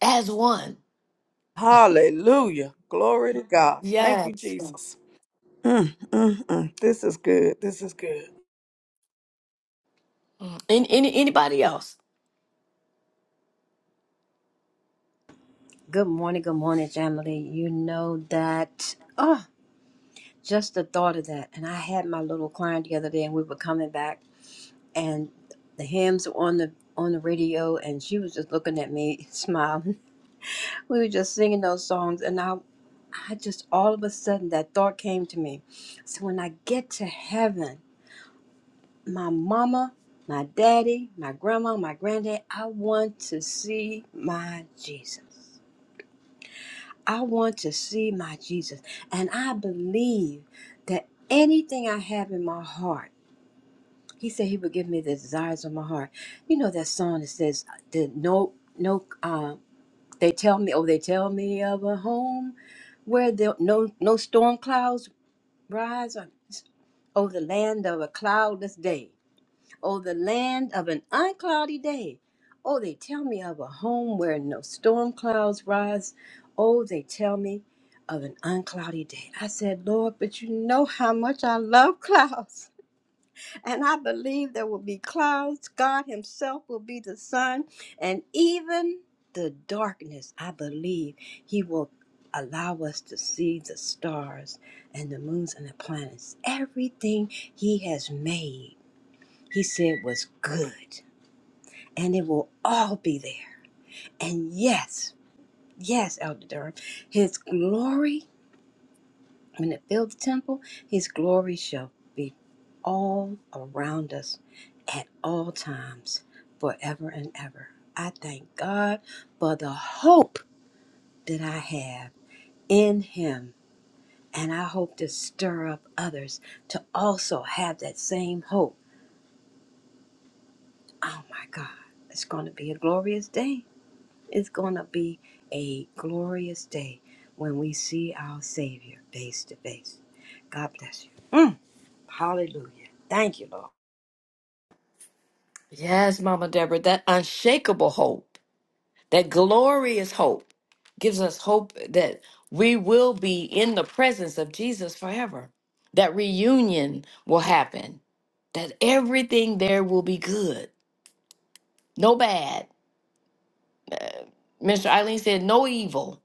Speaker 4: As one.
Speaker 5: Hallelujah. Glory to God. Thank you,
Speaker 4: Yes.
Speaker 5: Jesus. Mm, mm, mm. This is good. This is good.
Speaker 4: Mm. Any, any anybody else?
Speaker 6: Good morning, good morning, Jamily. You know that, oh, just the thought of that. And I had my little client the other day, and we were coming back, and the hymns were on the on the radio, and she was just looking at me, *laughs* smiling. We were just singing those songs, and I, I just all of a sudden that thought came to me. So when I get to heaven, my mama, my daddy, my grandma, my granddad, I want to see my Jesus. I want to see my Jesus. And I believe that anything I have in my heart, he said he would give me the desires of my heart. You know that song that says that no no uh, they tell me oh they tell me of a home where the no no storm clouds rise on- oh the land of a cloudless day. Oh, the land of an uncloudy day. Oh, they tell me of a home where no storm clouds rise. Oh, they tell me of an uncloudy day. I said, Lord, but you know how much I love clouds. *laughs* And I believe there will be clouds. God Himself will be the sun. And even the darkness, I believe He will allow us to see the stars and the moons and the planets, everything He has made he said was good, and it will all be there. And yes, yes, Elder Durham, his glory, when it filled the temple, his glory shall be all around us at all times, forever and ever. I thank God for the hope that I have in him. And I hope to stir up others to also have that same hope. Oh my God, it's going to be a glorious day It's going to be a glorious day when we see our Savior face to face. God bless you. Mm, hallelujah. Thank you, Lord.
Speaker 4: Yes, Mama Deborah, that unshakable hope, that glorious hope, gives us hope that we will be in the presence of Jesus forever. That reunion will happen, that everything there will be good, no bad. Mr. Eileen said, no evil,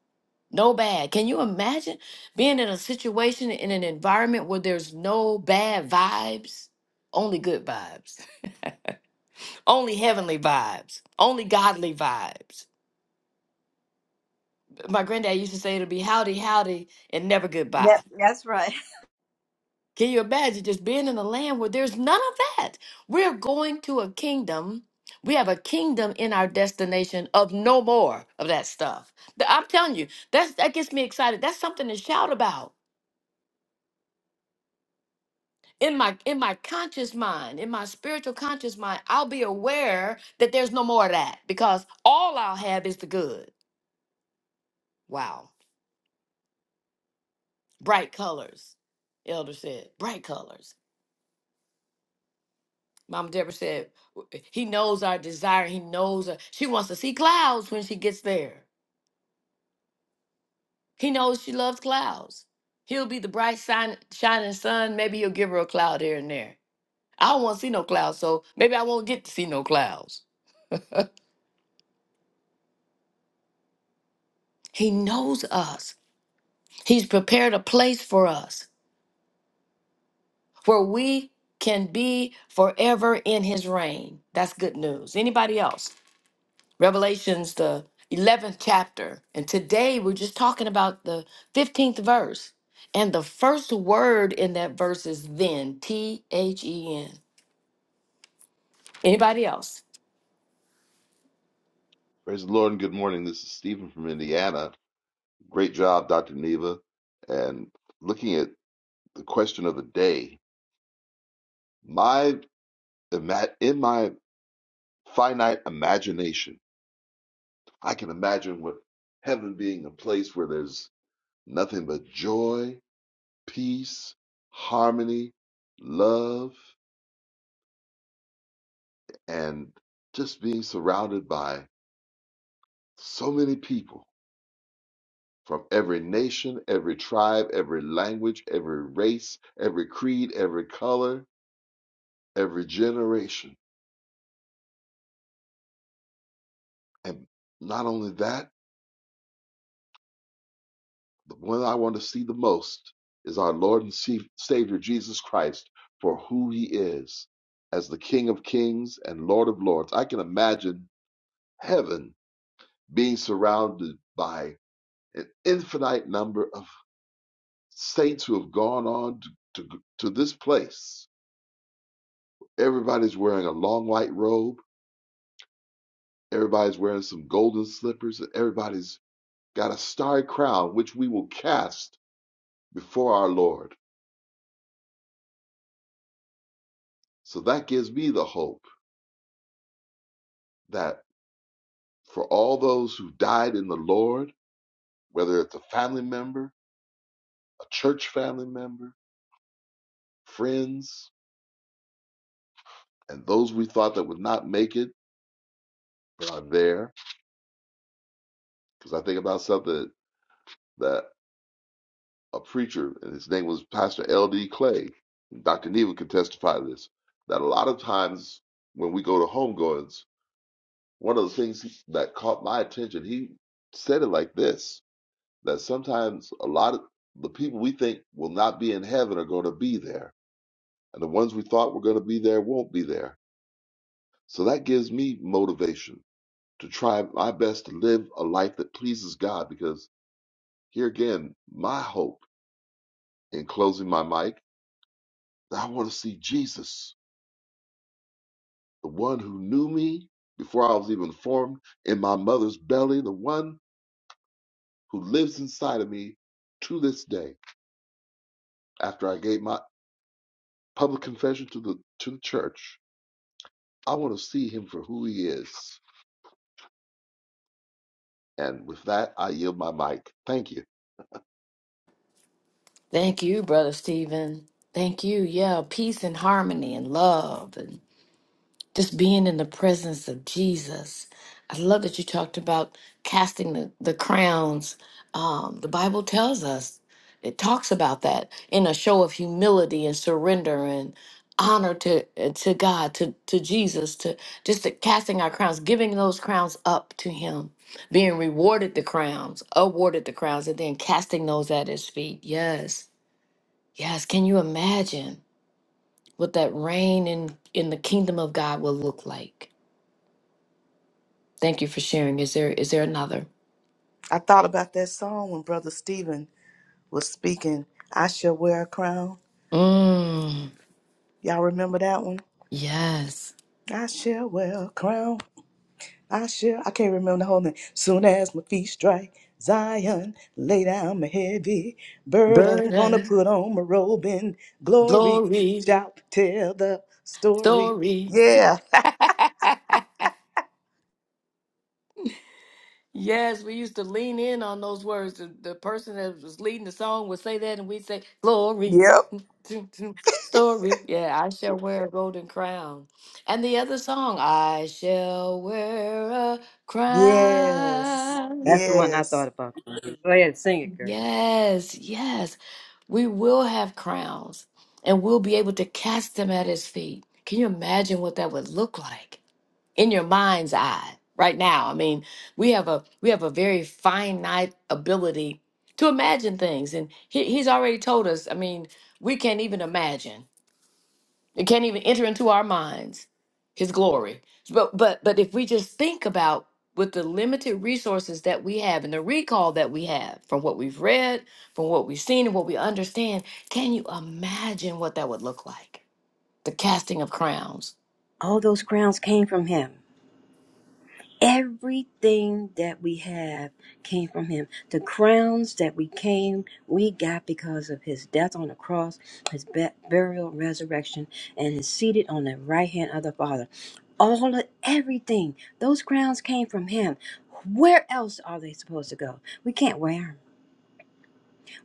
Speaker 4: no bad. Can you imagine being in a situation, in an environment where there's no bad vibes, only good vibes, *laughs* only heavenly vibes, only godly vibes? my granddad used to say it'll be howdy howdy and never
Speaker 6: That,
Speaker 4: goodbye.
Speaker 6: that's right. *laughs*
Speaker 4: Can you imagine just being in a land where there's none of that? We're going to a kingdom. We have a kingdom in our destination of no more of that stuff. Th- I'm telling you, that's that gets me excited. That's something to shout about. In my in my conscious mind, in my spiritual conscious mind, I'll be aware that there's no more of that because all I'll have is the good. Wow. Bright colors, Elder said. Bright colors. Mama Deborah said, "W- He knows our desire. He knows our, she wants to see clouds when she gets there. He knows she loves clouds. He'll be the bright sign, shining sun. Maybe he'll give her a cloud here and there. I don't want to see no clouds, so maybe I won't get to see no clouds. He knows us. He's prepared a place for us where we can be forever in his reign. That's good news. Anybody else? Revelations, the 11th chapter. And today we're just talking about the 15th verse. And the first word in that verse is then, T H E N. Anybody else?
Speaker 7: Praise the Lord and good morning. This is Stephen from Indiana. Great job, Dr. Neva. And looking at the question of the day, my ima- in my finite imagination, I can imagine what heaven being a place where there's nothing but joy, peace, harmony, love, and just being surrounded by so many people from every nation, every tribe, every language, every race, every creed, every color, every generation. And not only that, the one I want to see the most is our Lord and Savior Jesus Christ for who he is as the King of Kings and Lord of Lords. I can imagine heaven being surrounded by an infinite number of saints who have gone on to, to, to this place. Everybody's wearing a long white robe Everybody's wearing some golden slippers. and Everybody's got a starry crown, which we will cast before our Lord. So that gives me the hope that for all those who died in the Lord, whether it's a family member, a church family member, friends, and those we thought that would not make it but are there, because I think about something that a preacher, and his name was Pastor L.D. Clay, Dr. Neva could testify to this, that a lot of times when we go to homegoings, One of the things that caught my attention, he said it like this, that sometimes a lot of the people we think will not be in heaven are going to be there, and the ones we thought were going to be there won't be there. So that gives me motivation to try my best to live a life that pleases God because here again, my hope in closing my mic, I want to see Jesus, the one who knew me before I was even formed in my mother's belly, the one who lives inside of me to this day. After I gave my public confession to the to the church, I want to see him for who he is. And with that, I yield my mic. Thank you.
Speaker 4: Thank you, Brother Stephen. Thank you. Yeah, peace and harmony and love. just being in the presence of Jesus. I love that you talked about casting the, the crowns. Um, the Bible tells us, it talks about that in a show of humility and surrender and honor to uh, to God, to, to Jesus, to just to casting our crowns, giving those crowns up to Him, being rewarded the crowns, awarded the crowns, and then casting those at His feet. Yes, yes. Can you imagine what that reign in, in the kingdom of God will look like? Thank you for sharing. Is there is there another?
Speaker 3: I thought about that song when Brother Stephen was speaking, I shall wear a crown.
Speaker 4: Mm,
Speaker 3: Y'all remember that one?
Speaker 4: yes.
Speaker 3: I shall wear a crown. I shall, I can't remember the whole name. Soon as my feet strike Zion, lay down my heavy burden. Gonna
Speaker 4: Burden,
Speaker 3: put on my robe in glory.
Speaker 4: glory,
Speaker 3: Shout, tell the story.
Speaker 4: story.
Speaker 3: Yeah.
Speaker 4: *laughs* yes, we used to lean in on those words. The, the person that was leading the song would say that, and we'd say, Glory,
Speaker 3: Yep.
Speaker 4: *laughs* story. Yeah, I shall wear a golden crown. And the other song, I shall wear a
Speaker 3: Yes.
Speaker 4: crown.
Speaker 6: That's the one I thought
Speaker 3: Yes.
Speaker 6: about. Go ahead, sing it, girl.
Speaker 4: Yes, yes. We will have crowns and we'll be able to cast them at his feet. Can you imagine what that would look like in your mind's eye right now? I mean, we have a we have a very finite ability to imagine things and he, he's already told us, I mean, we can't even imagine it can't even enter into our minds his glory. But but but if we just think about with the limited resources that we have and the recall that we have from what we've read, from what we've seen and what we understand, can you imagine what that would look like? The casting of crowns.
Speaker 6: All those crowns came from him. Everything that we have came from him. The crowns that we came, we got because of his death on the cross, his be- burial, resurrection, and his seated on the right hand of the Father. All of everything, those crowns came from him. Where else are they supposed to go? We can't wear them.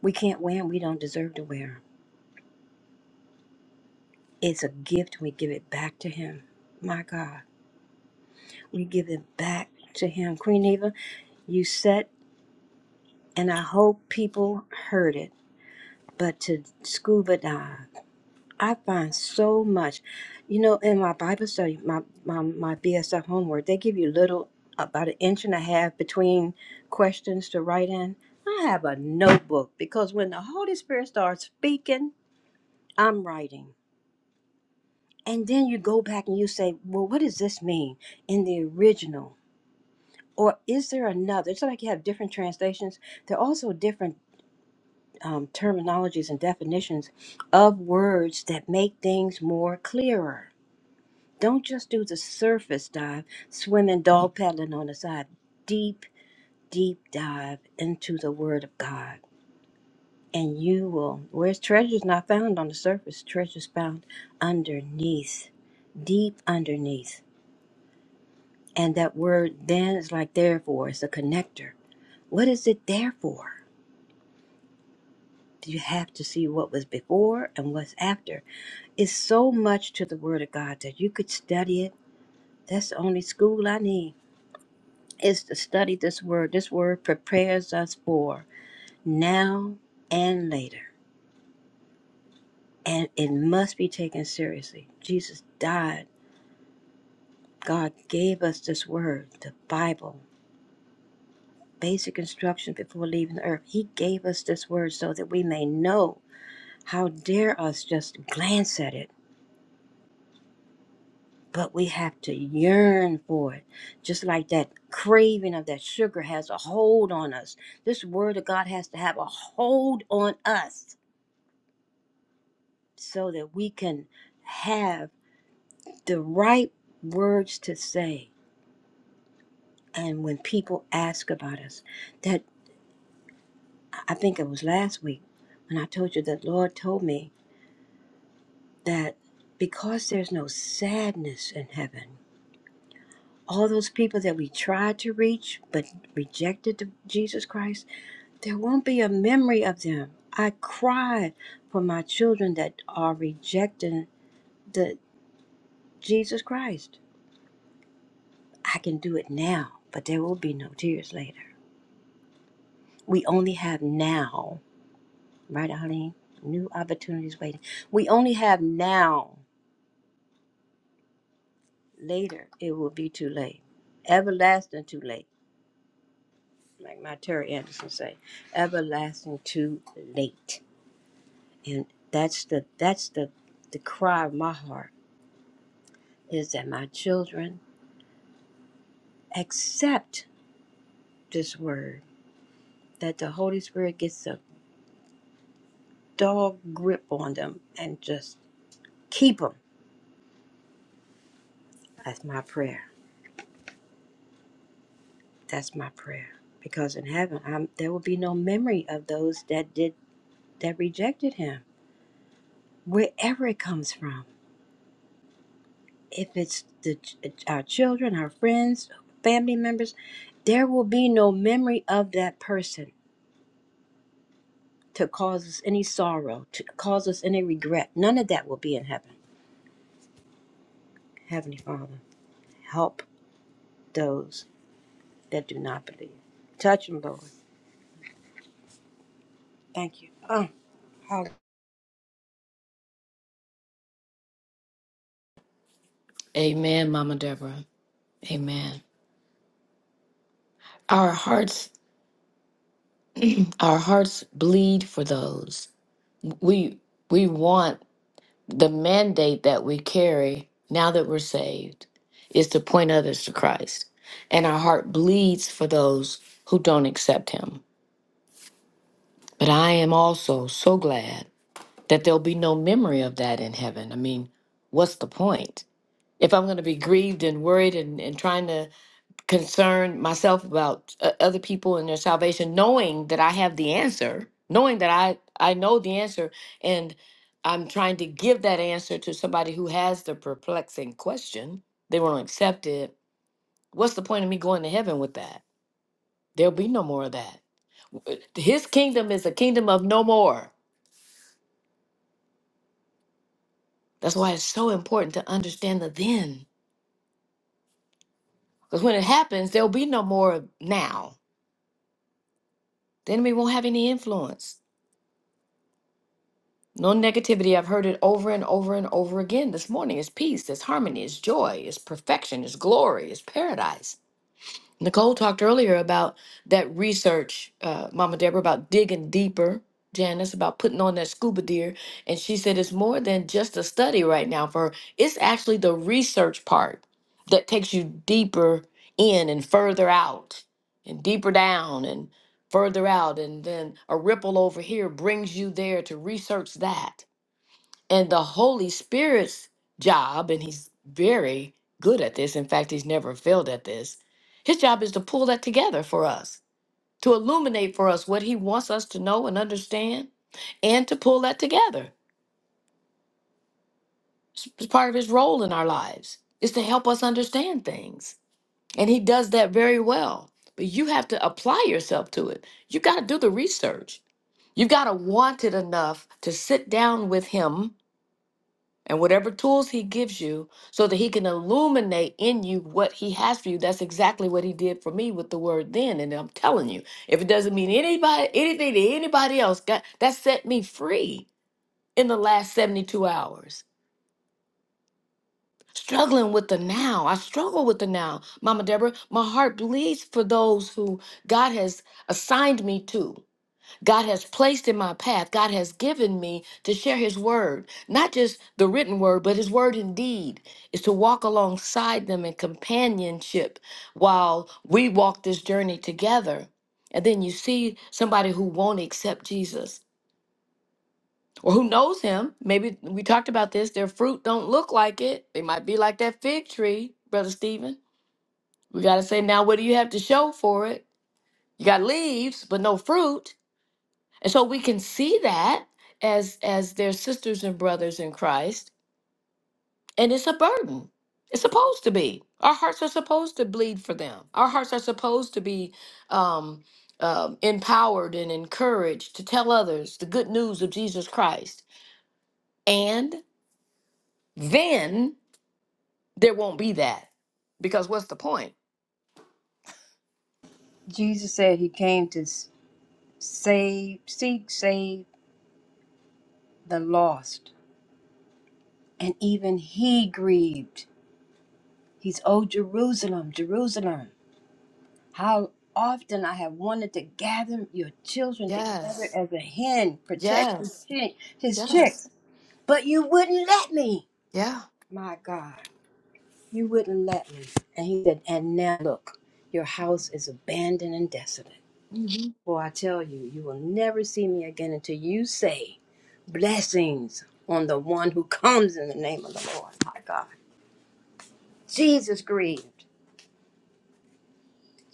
Speaker 6: We can't wear them. We don't deserve to wear them. It's a gift. We give it back to him. My God, we give it back to him. Queen Eva, you set and I hope people heard it. But to scuba dive, I find so much. You know, in my Bible study, my my, my BSF homework, they give you little about an inch and a half between questions to write in. I have a notebook because when the Holy Spirit starts speaking, I'm writing. And then you go back and you say, Well, what does this mean in the original? Or is there another? It's like you have different translations. There are also different um, terminologies and definitions of words that make things more clearer. Don't just do the surface dive, swimming, dog paddling on the side. Deep, deep dive into the Word of God. And you will, where's treasure's not found on the surface, treasure's found underneath, deep underneath. And that word then is like therefore, it's a connector. What is it there for? You have to see what was before and what's after It's so much to the Word of God that you could study it. That's the only school I need is to study this Word. This Word prepares us for now and later, and it must be taken seriously. Jesus died. God gave us this Word, the Bible, basic instructions before leaving the earth. He gave us this Word so that we may know. How dare us just glance at it? but we have to yearn for it. Just like that craving of that sugar has a hold on us. This word of God has to have a hold on us so that we can have the right words to say. And when people ask about us, that I think it was last week when I told you that Lord told me that because there's no sadness in heaven, all those people that we tried to reach but rejected the- Jesus Christ There won't be a memory of them. I cried for my children that are rejecting the Jesus Christ. I can do it now, but there will be no tears later. We only have now, right, Eileen? New opportunities waiting. We only have now. Later, it will be too late. Everlasting too late, like my Terry Anderson say. Everlasting too late, and that's the that's the the cry of my heart is that my children accept this word, that the Holy Spirit gets a dog grip on them and just keep them. That's my prayer. That's my prayer. Because in heaven, I'm, there will be no memory of those that did that rejected Him, wherever it comes from. If it's the ch- our children, our friends, family members, there will be no memory of that person to cause us any sorrow, to cause us any regret. None of that will be in heaven. Heavenly Father, help those that do not believe. Touch them, Lord. Thank you. Oh, how
Speaker 4: Amen, Mama Deborah. Amen. Our hearts our hearts bleed for those. We we want the mandate that we carry now that we're saved is to point others to Christ. And our heart bleeds for those who don't accept him. But I am also so glad that there'll be no memory of that in heaven. I mean, what's the point? If I'm going to be grieved and worried and, and trying to concerned myself about uh, other people and their salvation knowing that i have the answer knowing that i i know the answer and i'm trying to give that answer to somebody who has the perplexing question they won't accept it what's the point of me going to heaven with that there'll be no more of that Uh, his kingdom is a kingdom of no more that's why it's so important to understand the then because when it happens there'll be no more now the enemy won't have any influence No negativity. I've heard it over and over and over again this morning. It's peace, it's harmony, it's joy, it's perfection, it's glory, it's paradise. Nicole talked earlier about that research, uh, Mama Deborah, about digging deeper, Janice, about putting on that scuba gear. And she said it's more than just a study right now for her, it's actually the research part that takes you deeper in and further out and deeper down and further out. And then a ripple over here brings you there to research that and the Holy Spirit's job, and he's very good at this, in fact, he's never failed at this, his job is to pull that together for us, to illuminate for us what he wants us to know and understand, and to pull that together. It's it's part of his role in our lives, is to help us understand things. And he does that very well. But you have to apply yourself to it. You got to do the research. You've got to want it enough to sit down with him and whatever tools he gives you so that he can illuminate in you what he has for you that's exactly what he did for me with the word then and i'm telling you if it doesn't mean anybody anything to anybody else God, that set me free in the last 72 hours struggling with the now i struggle with the now mama deborah my heart bleeds for those who god has assigned me to God has placed in my path, God has given me to share His word, not just the written word, but His word indeed, is to walk alongside them in companionship while we walk this journey together. And then you see somebody who won't accept Jesus or who knows Him. Maybe we talked about this, their fruit don't look like it. They might be like that fig tree, Brother Stephen. We got to say, now what do you have to show for it? You got leaves, but no fruit And so we can see that as as their sisters and brothers in Christ, and it's a burden. It's supposed to be. Our hearts are supposed to bleed for them. Our hearts are supposed to be um, um, empowered and encouraged to tell others the good news of Jesus Christ. And then there won't be that because what's the point?
Speaker 6: Jesus said he came to s- save, seek, save the lost. And even he grieved. He's, oh, Jerusalem, Jerusalem. How often I have wanted to gather your children together
Speaker 4: Yes,
Speaker 6: as a hen protects his
Speaker 4: yes,
Speaker 6: chick- his
Speaker 4: yes,
Speaker 6: chicks, but you wouldn't let me.
Speaker 4: yeah.
Speaker 6: My God, you wouldn't let me. And he said, and now look, your house is abandoned and desolate.
Speaker 4: hmm
Speaker 6: For I tell you, you will never see me again until you say blessings on the one who comes in the name of the Lord. My God. Jesus grieved.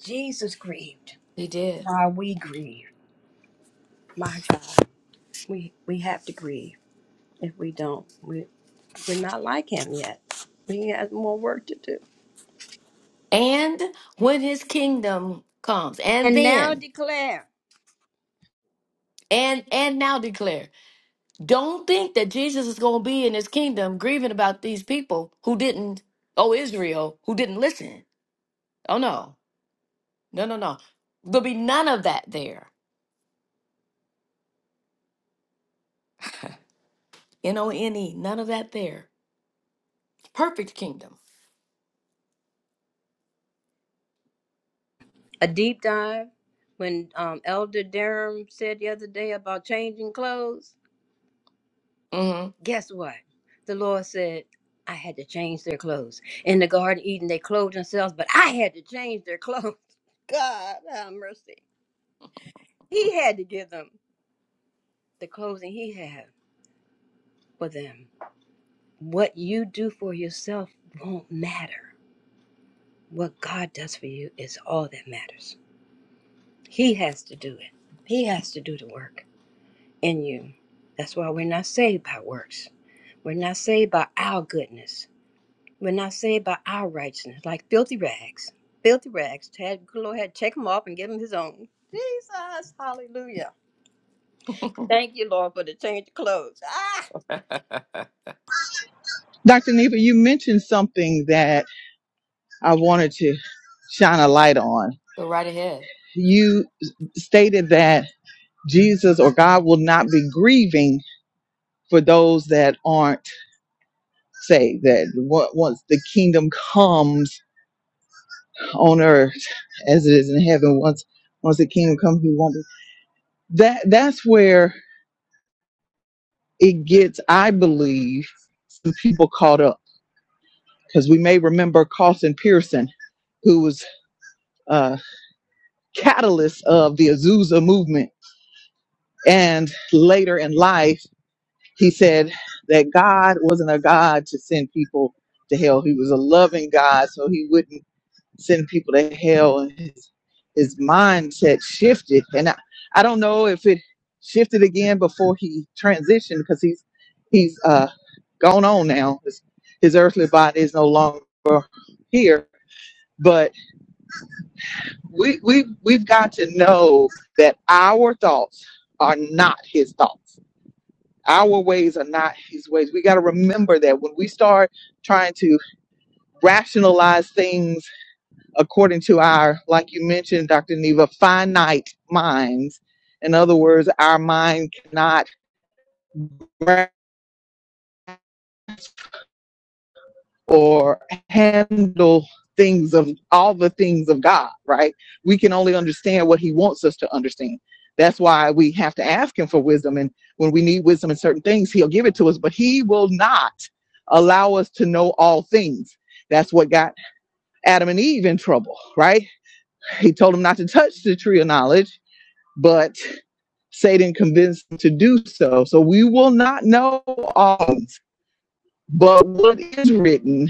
Speaker 6: Jesus grieved.
Speaker 4: He did.
Speaker 6: Why we grieve. My God. We we have to grieve. If we don't, we, we're not like him yet. He has more work to do.
Speaker 4: And when his kingdom comes, and
Speaker 6: And now
Speaker 4: then
Speaker 6: declare
Speaker 4: and and now declare don't think that jesus is going to be in his kingdom grieving about these people who didn't oh israel who didn't listen oh no no no no there'll be none of that there n-o-n-e none of that there perfect kingdom
Speaker 6: a deep dive. When um, Elder Durham said the other day about changing clothes,
Speaker 4: mm-hmm
Speaker 6: guess what? The Lord said, I had to change their clothes. In the Garden of Eden, they clothed themselves, but I had to change their clothes. *laughs* God have mercy. He had to give them the clothing He had for them. What you do for yourself won't matter. What God does for you is all that matters. He has to do it, He has to do the work in you. That's why we're not saved by works, we're not saved by our goodness. We're not saved by our righteousness, like filthy rags. Filthy rags. Had, good Lord had to take him off and give him his own. Jesus, hallelujah. Thank you, Lord, for the change of clothes. Ah!
Speaker 8: Dr. Neva, you mentioned something that I wanted to shine a light on.
Speaker 4: go right ahead
Speaker 8: You stated that Jesus or God will not be grieving for those that aren't saved, that on- once the kingdom comes on earth as it is in heaven, once once the kingdom comes, he won't be. That, that's where it gets, I believe, some people caught up. Because we may remember Carlson Pearson, who was a catalyst of the Azusa movement And later in life, he said that God wasn't a God to send people to hell. He was a loving God, so he wouldn't send people to hell. And his, his mindset shifted. And I, I don't know if it shifted again before he transitioned because he's he's uh, gone on now. His, his earthly body is no longer here. But we, we, we've got to know that our thoughts are not his thoughts Our ways are not his ways. We got to remember that when we start trying to rationalize things according to our, like you mentioned, Dr. Neva, finite minds. In other words, our mind cannot or handle things of all the things of God, right? We can only understand what He wants us to understand. That's why we have to ask Him for wisdom. And when we need wisdom in certain things, He'll give it to us, but He will not allow us to know all things. That's what got Adam and Eve in trouble, right? He told them not to touch the tree of knowledge, but Satan convinced them to do so. So we will not know all things, but what is written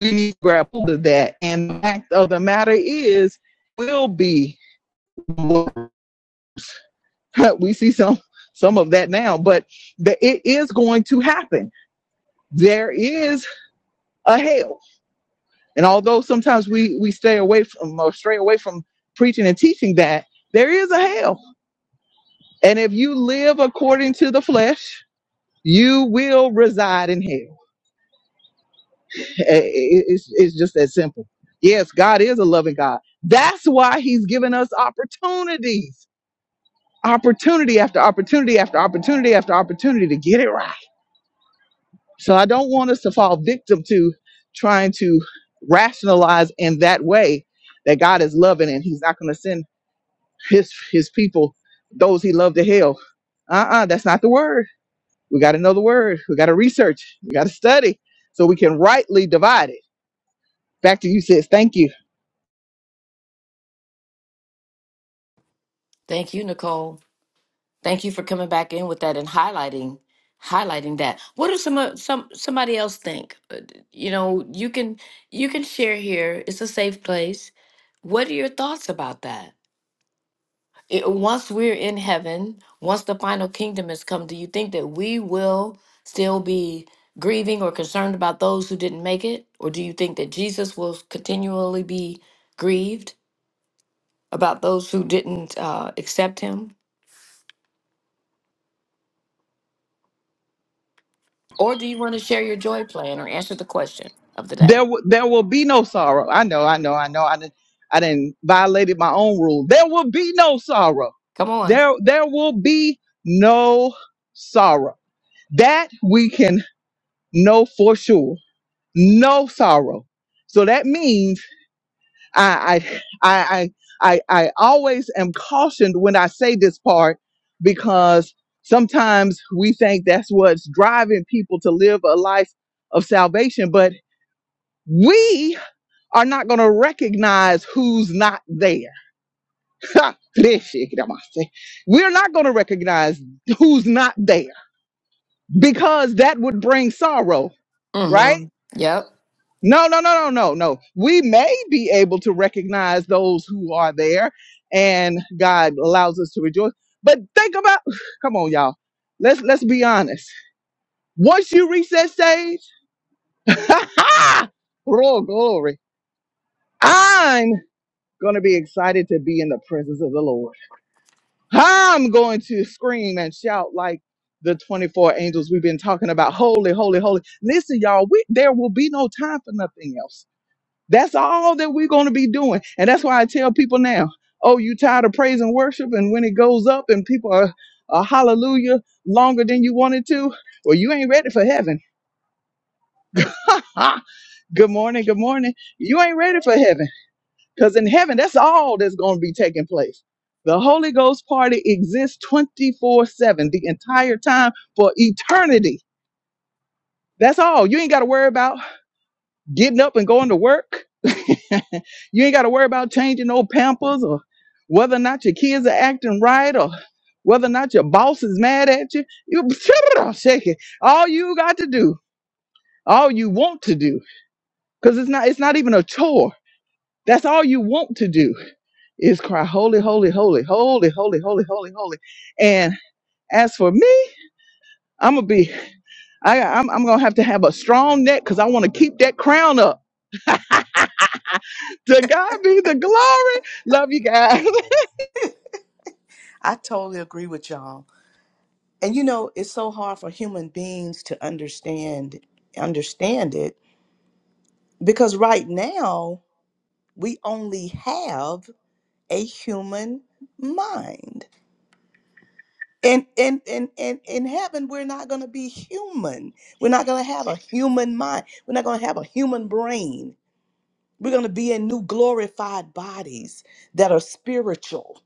Speaker 8: we need to grab hold of that. And the fact of the matter is, will be. *laughs* We see some some of that now, but the, it is going to happen. There is a hell, and although sometimes we we stay away from or stray away from preaching and teaching that there is a hell, and if you live according to the flesh, you will reside in hell. Eh, eh, eh, It's it's just that simple. Yes, God is a loving God. That's why He's given us opportunities opportunity after opportunity after opportunity after opportunity to get it right. So I don't want us to fall victim to trying to rationalize in that way that God is loving and he's not going to send his his people those he loved to hell. Uh-uh, that's not the word. We got to know the word. We got to research. We got to study so we can rightly divide it. Back to you sis. Thank you.
Speaker 4: thank you nicole thank you for coming back in with that and highlighting highlighting that what does some o- some somebody else think Uh, d- you know you can you can share here it's a safe place what are your thoughts about that it, once we're in heaven, once the final kingdom has come, do you think that we will still be grieving or concerned about those who didn't make it? Or do you think that Jesus will continually be grieved about those who didn't uh, accept him? Or do you want to share your joy plan or answer the question of the
Speaker 8: There,
Speaker 4: day?
Speaker 8: w- there will be no sorrow. I know, I know, I know. I didn't, I didn't violated my own rule. There will be no sorrow.
Speaker 4: Come on.
Speaker 8: There, there will be no sorrow. That we can know for sure. No sorrow. So that means I, I, I, I, I always am cautioned when I say this part because sometimes we think that's what's driving people to live a life of salvation, but we are not going to recognize who's not there. *laughs* We're not going to recognize who's not there because that would bring sorrow, right?
Speaker 4: Mm-hmm. Yep.
Speaker 8: No, no, no, no, no, no. We may be able to recognize those who are there and God allows us to rejoice. But think about *sighs* come on, y'all. Let's let's be honest. Once you reach that stage, *laughs* oh glory. I'm gonna be excited to be in the presence of the Lord. I'm going to scream and shout like the 24 angels we've been talking about. Holy, holy, holy. Listen, y'all, we, there will be no time for nothing else. That's all that we're going to be doing. And that's why I tell people now, oh, you tired of praise and worship? And when it goes up and people are, are hallelujah longer than you wanted to, well, you ain't ready for heaven. *laughs* Good morning. Good morning. You ain't ready for heaven. Because in heaven, that's all that's going to be taking place. The Holy Ghost party exists 24 7, the entire time for eternity. That's all. You ain't got to worry about getting up and going to work. *laughs* you ain't got to worry about changing no pampers or whether or not your kids are acting right or whether or not your boss is mad at you. You *laughs* shake it. All you got to do, all you want to do, because it's not it's not even a chore. That's all you want to do is cry holy, holy, holy, holy, holy, holy, holy, holy. And as for me, I'm gonna be, I, I'm, I'm gonna have to have a strong neck because I want to keep that crown up. To God be the glory. Love you guys,
Speaker 3: I totally agree with y'all. and you know it's so hard for human beings to understand understand it because right now we only have a human mind and and and and in heaven we're not going to be human we're not going to have a human mind we're not going to have a human brain we're going to be in new glorified bodies that are spiritual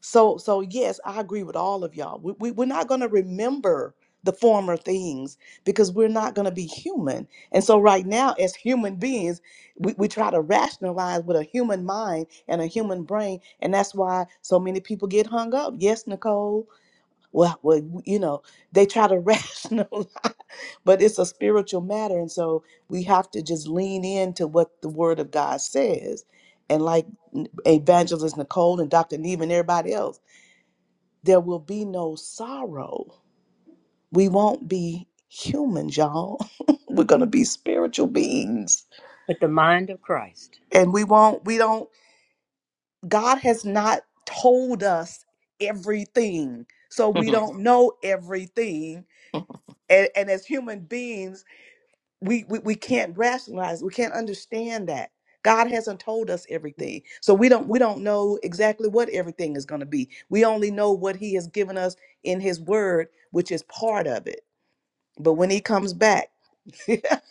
Speaker 3: So, so yes, I agree with all of y'all. We, we, we're not going to remember the former things because we're not going to be human. And so, right now, as human beings, we, we try to rationalize with a human mind and a human brain. And that's why so many people get hung up. Yes, Nicole. Well, well you know, they try to *laughs* rationalize, but it's a spiritual matter. And so, we have to just lean into what the Word of God says. And like Evangelist Nicole and Dr. Neve and everybody else there will be no sorrow. We won't be humans, y'all. *laughs* We're going to be spiritual beings.
Speaker 6: But the mind of Christ.
Speaker 3: And we won't, we don't, God has not told us everything. So we
Speaker 4: *laughs*
Speaker 3: don't know everything. And, and as human beings, we, we, we can't rationalize, we can't understand that. God hasn't told us everything. So we don't we don't know exactly what everything is going to be. We only know what he has given us in his word, which is part of it. But when he comes back, *laughs*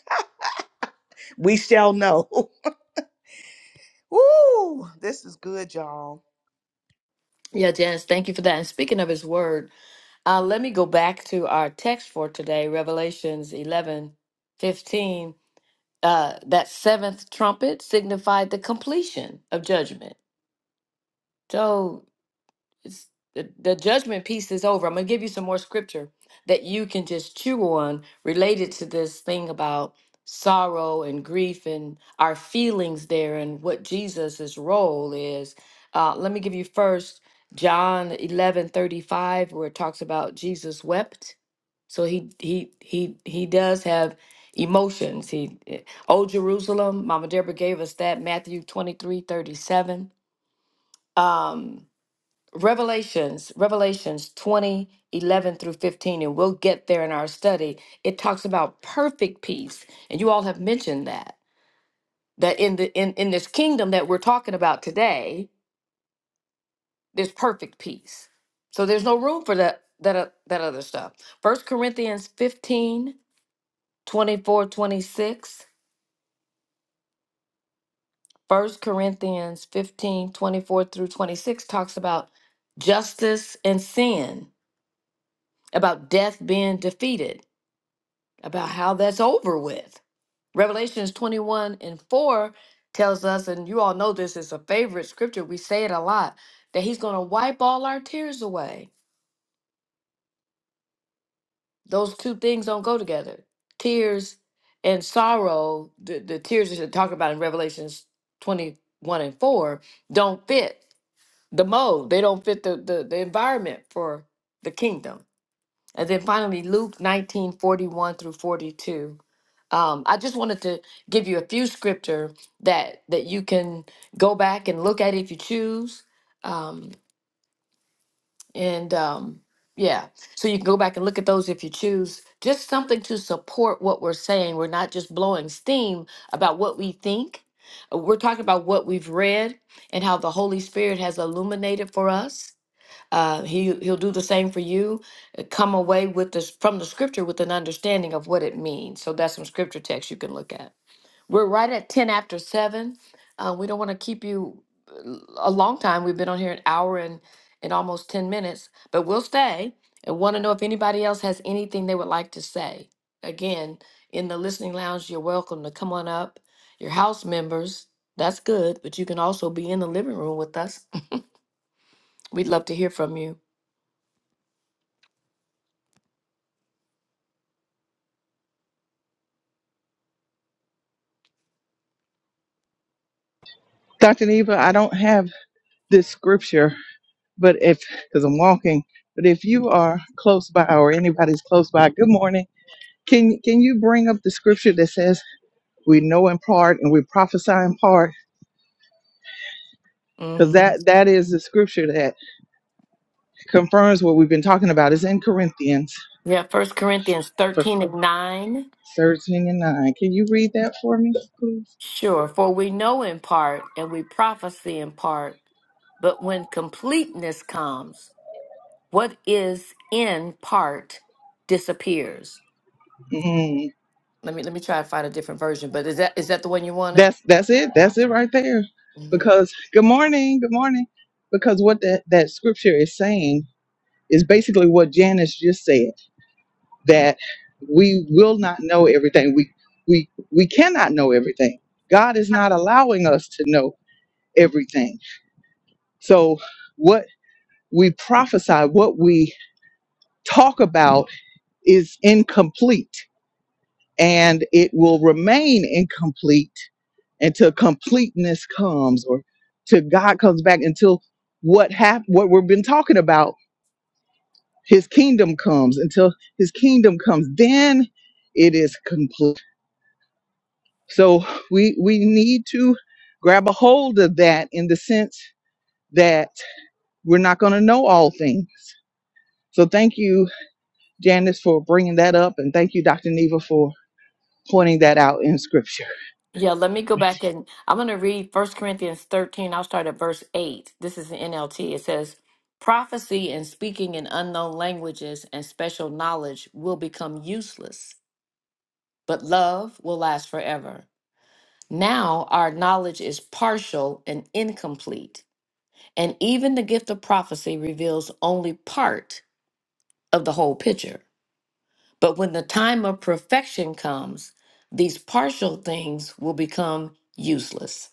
Speaker 3: we shall know. *laughs* Ooh, this is good, y'all.
Speaker 4: Yeah, Janice, thank you for that. And speaking of his word, uh, let me go back to our text for today, Revelations 11, 15. uh, that seventh trumpet signified the completion of judgment. So it's, the, the judgment piece is over. I'm going to give you some more scripture that you can just chew on related to this thing about sorrow and grief and our feelings there and what Jesus's role is. Uh, let me give you first John 11 35, where it talks about Jesus wept so he he he he does have emotions. He eh, Old Jerusalem, Mama Deborah gave us that, Matthew 23 37, Um Revelations, Revelations 20 11 through 15, and we'll get there in our study. It talks about perfect peace. And you all have mentioned that. That in the in, in this kingdom that we're talking about today, there's perfect peace. So there's no room for that that o- that other stuff. First Corinthians 15 24 26. First Corinthians 15 24 through 26 talks about justice and sin, about death being defeated, about how that's over with. Revelations 21 and 4 tells us, and you all know this is a favorite scripture, we say it a lot, that he's going to wipe all our tears away. Those two things don't go together. Tears and sorrow, the, the tears that are talked about in Revelations 21 and 4, don't fit the mold. They don't fit the, the, the environment for the kingdom. And then finally, Luke 19 41 through 42. Um, I just wanted to give you a few scripture that that you can go back and look at if you choose. Um, and um, yeah, so you can go back and look at those if you choose. Just something to support what we're saying. We're not just blowing steam about what we think. Uh, We're talking about what we've read and how the Holy Spirit has illuminated for us uh, he he'll do the same for you. uh, Come away with this from the scripture with an understanding of what it means. So that's some scripture text you can look at. We're right at ten after seven. Uh, we don't want to keep you uh, a long time. We've been on here an hour and and almost ten minutes, but we'll stay and want to know if anybody else has anything they would like to say. Again, in the listening lounge, you're welcome to come on up. Your house members, that's good, but you can also be in the living room with us. *laughs* We'd love to hear from you.
Speaker 8: *laughs* Dr. Neva. I don't have this scripture, but if because I'm walking, but if you are close by or anybody's close by, good morning. Can can you bring up the scripture that says we know in part and we prophesy in part? Because
Speaker 4: Mm-hmm.
Speaker 8: that that is the scripture that confirms what we've been talking about. It's in Corinthians
Speaker 4: Yeah, First Corinthians
Speaker 8: for
Speaker 4: 13 and 9.
Speaker 8: 13 and 9. Can you read that for me, please?
Speaker 4: Sure, for we know in part and we prophesy in part, but when completeness comes, what is in part disappears.
Speaker 8: Mm,
Speaker 4: Let me let me try to find a different version, but is that is that the one you wanted?
Speaker 8: that's that's it. That's it right there.
Speaker 4: hmm
Speaker 8: Because good morning, good morning. Because what that, that scripture is saying is basically what Janice just said, that we will not know everything. We we we cannot know everything. God is not allowing us to know everything. So what we prophesy, what we talk about is incomplete and it will remain incomplete until completeness comes or till God comes back until what hap- what we've been talking about his kingdom comes until his kingdom comes then it is complete so we we need to grab a hold of that in the sense that we're not going to know all things so thank you Janice, for bringing that up. And thank you, Dr. Neva, for pointing that out in scripture.
Speaker 4: Yeah, let me go
Speaker 8: *laughs*
Speaker 4: back and I'm going to read First Corinthians 13. I'll start at verse 8. This is the NLT. It says, Prophecy and speaking in unknown languages and special knowledge will become useless but love will last forever. Now our knowledge is partial and incomplete, and even the gift of prophecy reveals only part of the whole picture. But when the time of perfection comes, these partial things will become useless.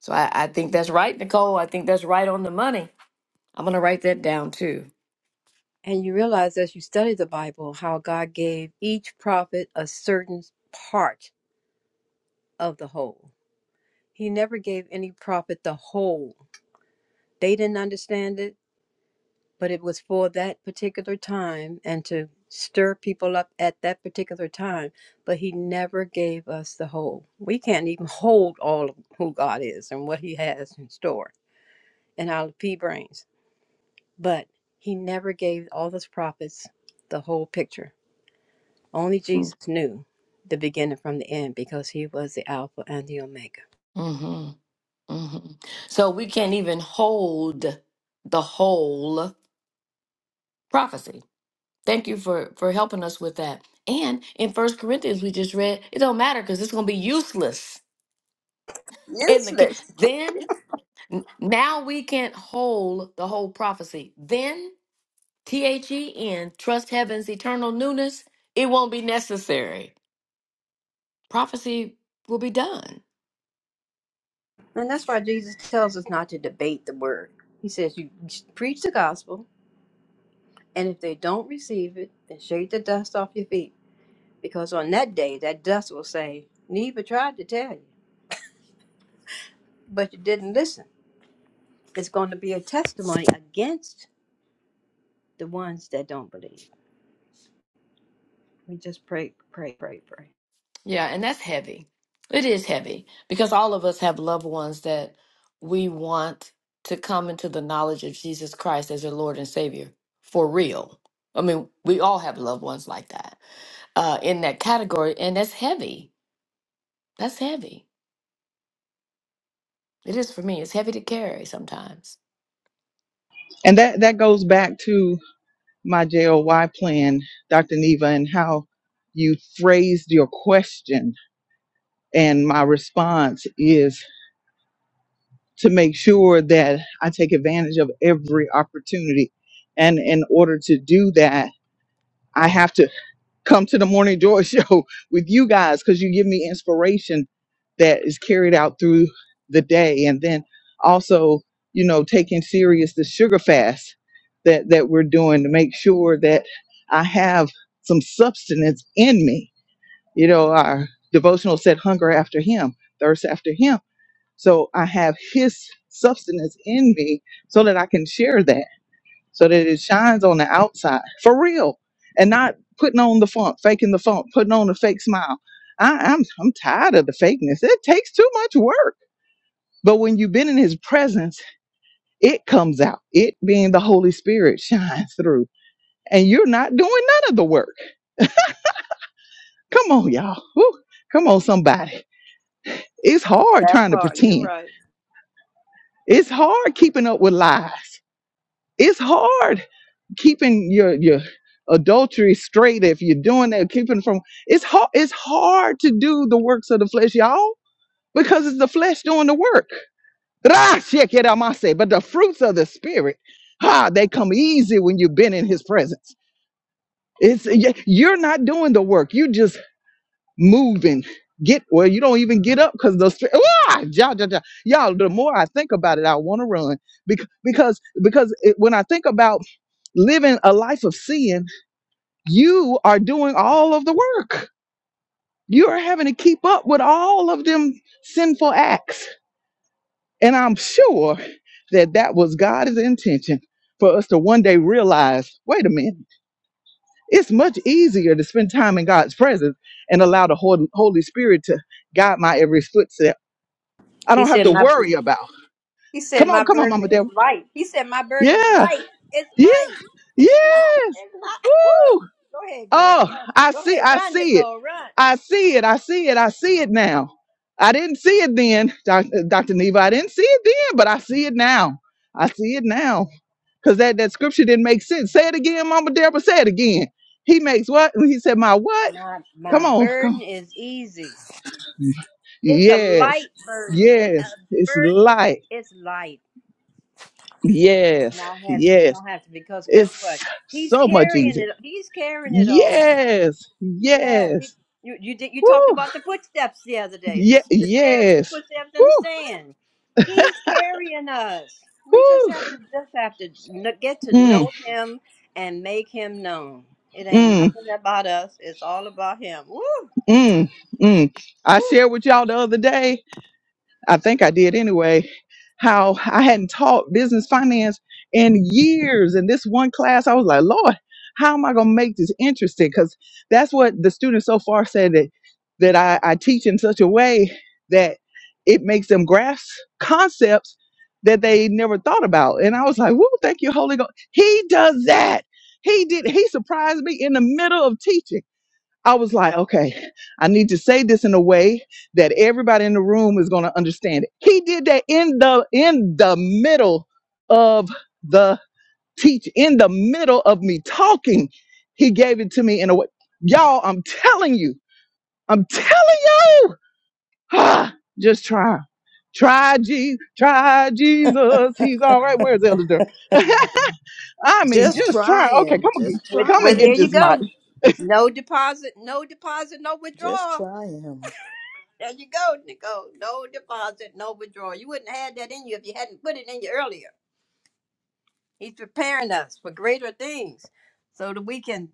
Speaker 4: So I, I think that's right, Nicole. I think that's right on the money. I'm going to write that down too.
Speaker 6: And you realize as you study the Bible how God gave each prophet a certain part of the whole. He never gave any prophet the whole. They didn't understand it. but it was for that particular time and to stir people up at that particular time. But he never gave us the whole. We can't even hold all of who God is and what he has in store in our pea brains. But he never gave all those prophets the whole picture. Only Jesus knew the beginning from the end because he was the Alpha and the Omega.
Speaker 4: hmm hmm So we can't even hold the whole prophecy Thank you for for helping us with that. And in First Corinthians, we just read it don't matter because it's going to be useless *laughs* in the ki-
Speaker 6: Useless.
Speaker 4: then n- now we can't hold the whole prophecy. Then T H E N trust heaven's eternal newness. It won't be necessary. Prophecy will be done.
Speaker 6: And that's why Jesus tells us not to debate the word. He says, You preach the gospel, And if they don't receive it, then shake the dust off your feet. Because on that day, that dust will say, Neva tried to tell you, but you didn't listen. It's going to be a testimony against the ones that don't believe. We just pray, pray, pray, pray.
Speaker 4: Yeah, and that's heavy. It is heavy because all of us have loved ones that we want to come into the knowledge of Jesus Christ as their Lord and Savior for real. I mean, we all have loved ones like that uh, in that category, and that's heavy. That's heavy. It is for me. It's heavy to carry sometimes.
Speaker 8: And that, that goes back to my JOY plan, Dr. Neva, and how you phrased your question. And my response is to make sure that I take advantage of every opportunity. And in order to do that, I have to come to the Morning Joy *laughs* Show with you guys because you give me inspiration that is carried out through the day. And then also, you know, taking serious the sugar fast that, that we're doing to make sure that I have some substance in me. You know, our devotional said hunger after him, thirst after him so I have his substance in me so that I can share that, so that it shines on the outside for real and not putting on the funk, faking the funk, putting on a fake smile. I, I'm, I'm tired of the fakeness. It takes too much work. But when you've been in his presence, it comes out. It being the Holy Spirit shines through. And you're not doing none of the work. Come on, y'all. Woo. Come on, somebody. It's hard
Speaker 6: That
Speaker 8: trying to
Speaker 6: part, you're
Speaker 8: pretend.
Speaker 6: right.
Speaker 8: It's hard keeping up with lies. It's hard keeping your your adultery straight if you're doing that keeping from it's hard it's hard to do the works of the flesh y'all because it's the flesh doing the work Ra, shekiramase. but the fruits of the spirit ah they come easy when you've been in his presence it's y- you're not doing the work you just moving get well you don't even get up because the spirit ah, ja, ja, ja. y'all the more i think about it i want to run because because because it, when i think about living a life of sin you are doing all of the work. You are having to keep up with all of them sinful acts. And I'm sure that that was God's intention for us to one day realize wait a minute, it's much easier to spend time in God's presence and allow the Hol- Holy Spirit to guide my every footstep. I
Speaker 6: He
Speaker 8: don't have
Speaker 6: said,
Speaker 8: to
Speaker 6: My
Speaker 8: worry about.
Speaker 6: He said,
Speaker 8: Come
Speaker 6: My
Speaker 8: on, come on,
Speaker 6: burden
Speaker 8: Mama
Speaker 6: is
Speaker 8: Deborah.
Speaker 6: light. He said, My burden is
Speaker 8: Yeah,
Speaker 6: light. It's
Speaker 8: yeah,
Speaker 6: light. It's not,
Speaker 8: yes.
Speaker 6: it's not. *laughs* Woo! Go ahead, girl.
Speaker 8: Oh,
Speaker 6: Go
Speaker 8: I
Speaker 6: go
Speaker 8: see,
Speaker 6: ahead.
Speaker 8: I
Speaker 6: Run,
Speaker 8: see it.
Speaker 6: Nicole. Run.
Speaker 8: I see it. I see it. I see it now. I didn't see it then, Doc- Dr. Neva. I didn't see it then, but I see it now. I see it now. Because that, that scripture didn't make sense. Say it again, Mama Deborah. Say it again. He makes what? He said, My what?
Speaker 6: My my
Speaker 8: Come on, come
Speaker 6: burden is easy.
Speaker 8: on.
Speaker 6: It's a
Speaker 8: Yes,
Speaker 6: light burden. It,
Speaker 8: yes.
Speaker 6: a
Speaker 8: It's
Speaker 6: burden
Speaker 8: light.
Speaker 6: is light. It's
Speaker 8: Yes,
Speaker 6: not heavy. You
Speaker 8: yes.
Speaker 6: don't have to because guess
Speaker 8: It's
Speaker 6: what? He's
Speaker 8: so much
Speaker 6: carrying
Speaker 8: easier.
Speaker 6: it. He's carrying it all.
Speaker 8: Yes,
Speaker 6: Yeah. He,
Speaker 8: yes.
Speaker 6: you you did you talked
Speaker 8: Woo.
Speaker 6: about the footsteps the other day. The
Speaker 8: Yeah.
Speaker 6: s- the stairs, the
Speaker 8: yes.
Speaker 6: footsteps in
Speaker 8: Woo,
Speaker 6: the sand. He's carrying us. We just
Speaker 8: woo.
Speaker 6: have to just have to kn- get to
Speaker 8: Mm,
Speaker 6: know him and make him known. It ain't
Speaker 8: mm,
Speaker 6: nothing about us. It's all about him. Woo!
Speaker 8: mm, mm. I shared with y'all the other day. I think I did anyway, how I hadn't taught business finance in years. And this one class, I was like, Lord, how am I going to make this interesting? Because that's what the students so far said that, that I, I teach in such a way that it makes them grasp concepts that they never thought about. And I was like, woo, thank you, Holy Ghost. He does that. He did. He surprised me in the middle of teaching. I was like, okay, I need to say this in a way that everybody in the room is going to understand it. He did that in the in the middle of the teach, in the middle of me talking. He gave it to me in a way. Y'all, I'm telling you, I'm telling you, *sighs* ah, just try, try, Je- try Jesus. He's all right. Where's Elder? Durham? *laughs* I mean,
Speaker 3: Just
Speaker 8: just
Speaker 3: try
Speaker 8: try. Okay,
Speaker 3: him.
Speaker 8: come and
Speaker 3: Just
Speaker 6: With,
Speaker 8: get, come
Speaker 3: try
Speaker 8: and
Speaker 6: well, there
Speaker 8: get
Speaker 3: him.
Speaker 6: you
Speaker 8: this mic.
Speaker 6: go. No deposit, no deposit, no
Speaker 3: Just
Speaker 6: withdrawal.
Speaker 3: try him.
Speaker 6: There you go, Nicole. No deposit, no withdrawal. You wouldn't have had that in you if you hadn't put it in you earlier. He's preparing us for greater things so that we can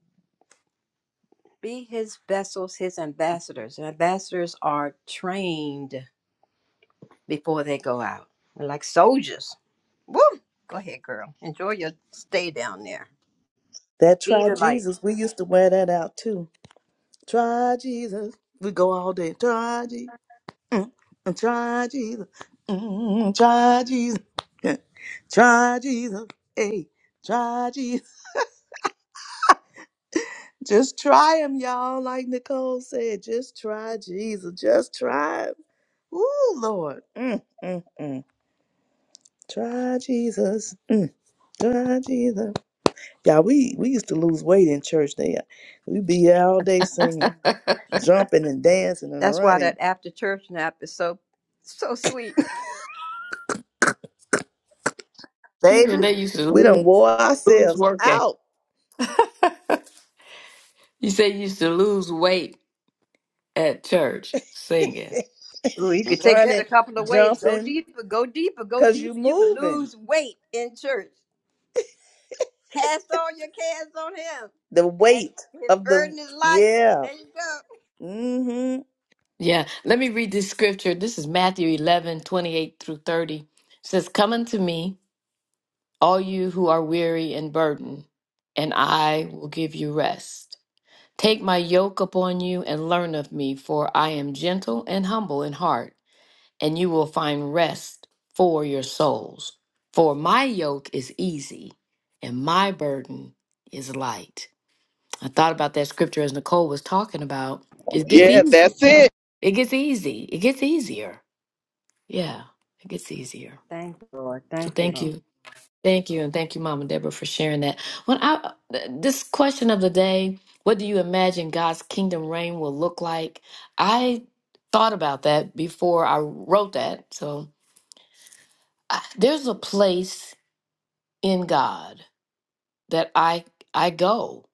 Speaker 6: be his vessels, his ambassadors. And ambassadors are trained before they go out. They're like soldiers. Woo! Go ahead, girl. Enjoy your stay down there.
Speaker 3: That
Speaker 6: Be
Speaker 3: try
Speaker 6: the light.
Speaker 3: Jesus. We used to wear that out too. Try Jesus. We go all day. Try Jesus. Mm, mm, try Jesus. Mm, mm, try Jesus. Yeah. Try Jesus. Hey, try Jesus. Just try him, y'all. Like Nicole said, just try Jesus. Just try him. Ooh, Lord. Mm, mm, mm. Try Jesus. Mm, try Jesus. Yeah, we, we used to lose weight in church there. We'd be here all day singing,
Speaker 4: *laughs*
Speaker 3: jumping and dancing and
Speaker 6: That's why
Speaker 3: running.
Speaker 6: that after church nap is so so sweet
Speaker 4: She
Speaker 3: Baby,
Speaker 4: said they used to
Speaker 3: we
Speaker 4: lose,
Speaker 3: done wore
Speaker 4: lose
Speaker 3: ourselves
Speaker 4: work at.
Speaker 3: out
Speaker 4: You say you used to lose weight at church singing.
Speaker 6: Ooh, you could take that a
Speaker 3: running,
Speaker 6: couple of ways. Go
Speaker 3: jumping,
Speaker 6: deeper, go deeper, go
Speaker 3: because you
Speaker 6: deeper. You can
Speaker 3: moving.
Speaker 6: lose weight in church. Cast all your cares on him.
Speaker 3: The
Speaker 6: And
Speaker 3: weight
Speaker 6: his
Speaker 3: of the,
Speaker 6: burden is light.
Speaker 3: yeah.
Speaker 6: There you go.
Speaker 3: Mm-hmm.
Speaker 4: Yeah. Let me read this scripture. This is Matthew 11 28 through 30. It says, Come unto me, all you who are weary and burdened, and I will give you rest. Take my yoke upon you and learn of me, for I am gentle and humble in heart and you will find rest for your souls. For my yoke is easy and my burden is light. I thought about that scripture as Nicole was talking about. It gets
Speaker 8: Yeah,
Speaker 4: easy.
Speaker 8: that's it.
Speaker 4: It gets easy. It gets easier. Yeah, it gets easier.
Speaker 6: Thank you, Lord.
Speaker 4: So
Speaker 6: Thank you,
Speaker 4: thank
Speaker 6: Lord.
Speaker 4: you. Thank you. And thank you, Mama Deborah, for sharing that. When I uh, this question of the day, what do you imagine God's kingdom reign will look like? I thought about that before I wrote that. So I, there's a place in God that I I go.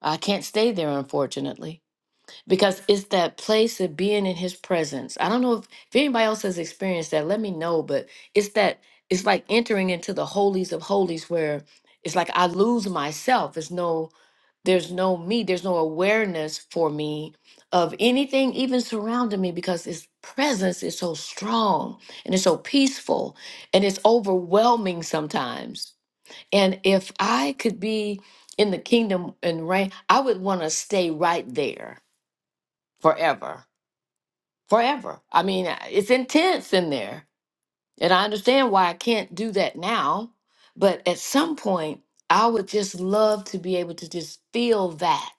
Speaker 4: I can't stay there, unfortunately because it's that place of being in his presence. I don't know if, if anybody else has experienced that, let me know, but it's that it's like entering into the holies of holies where it's like I lose myself. It's no there's no me, there's no awareness for me of anything even surrounding me because his presence is so strong and it's so peaceful and it's overwhelming sometimes. And if I could be in the kingdom and reign, I would want to stay right there forever, forever. I mean, uh, it's intense in there. And I understand why I can't do that now. But at some point, I would just love to be able to just feel that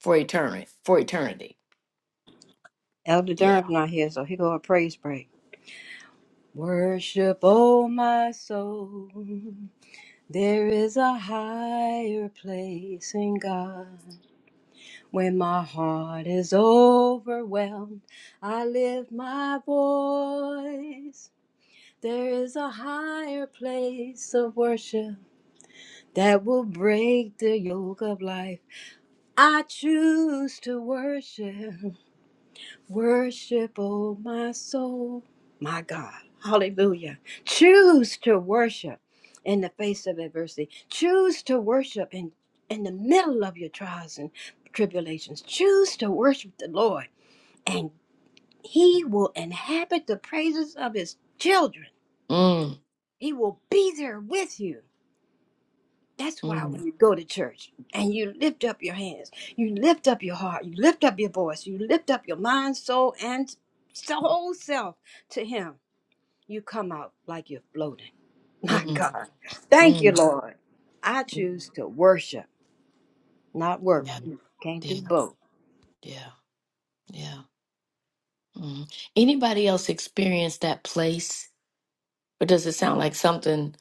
Speaker 4: for eternity. For eternity.
Speaker 6: Elder
Speaker 4: Yeah.
Speaker 6: Durham's not here, so he go a praise break. Worship, oh my soul. There is a higher place in God. When my heart is overwhelmed, I lift my voice There is a higher place of worship that will break the yoke of life. I choose to worship, worship, oh my soul, my God. Hallelujah. Choose to worship in the face of adversity. Choose to worship in, in the middle of your trials and tribulations. Choose to worship the Lord, and He will inhabit the praises of His children.
Speaker 4: Mm,
Speaker 6: He will be there with you. That's why
Speaker 4: mm,
Speaker 6: when you go to church and you lift up your hands, you lift up your heart, you lift up your voice, you lift up your mind, soul, and soul self to Him, you come out like you're floating. *laughs* My
Speaker 4: mm,
Speaker 6: God. Thank you,
Speaker 4: mm,
Speaker 6: Lord. I
Speaker 4: mm.
Speaker 6: choose to worship, not
Speaker 4: Yeah.
Speaker 6: worry.
Speaker 4: Mm.
Speaker 6: Can't
Speaker 4: Yeah.
Speaker 6: do both.
Speaker 4: Yeah. Yeah. Mm. Anybody else experience that place? Or does it sound like something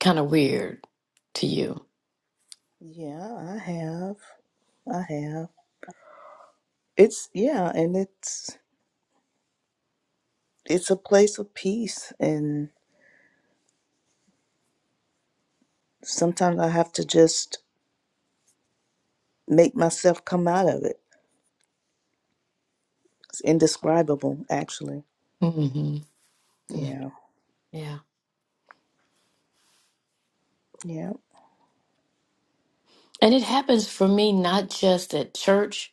Speaker 4: kind of weird to you?
Speaker 3: Yeah, I have. I have. It's, yeah, and it's, it's a place of peace and. Sometimes I have to just make myself come out of it. It's indescribable, actually.
Speaker 4: Mm hmm
Speaker 3: Yeah. Yeah.
Speaker 4: And it happens for me not just at church.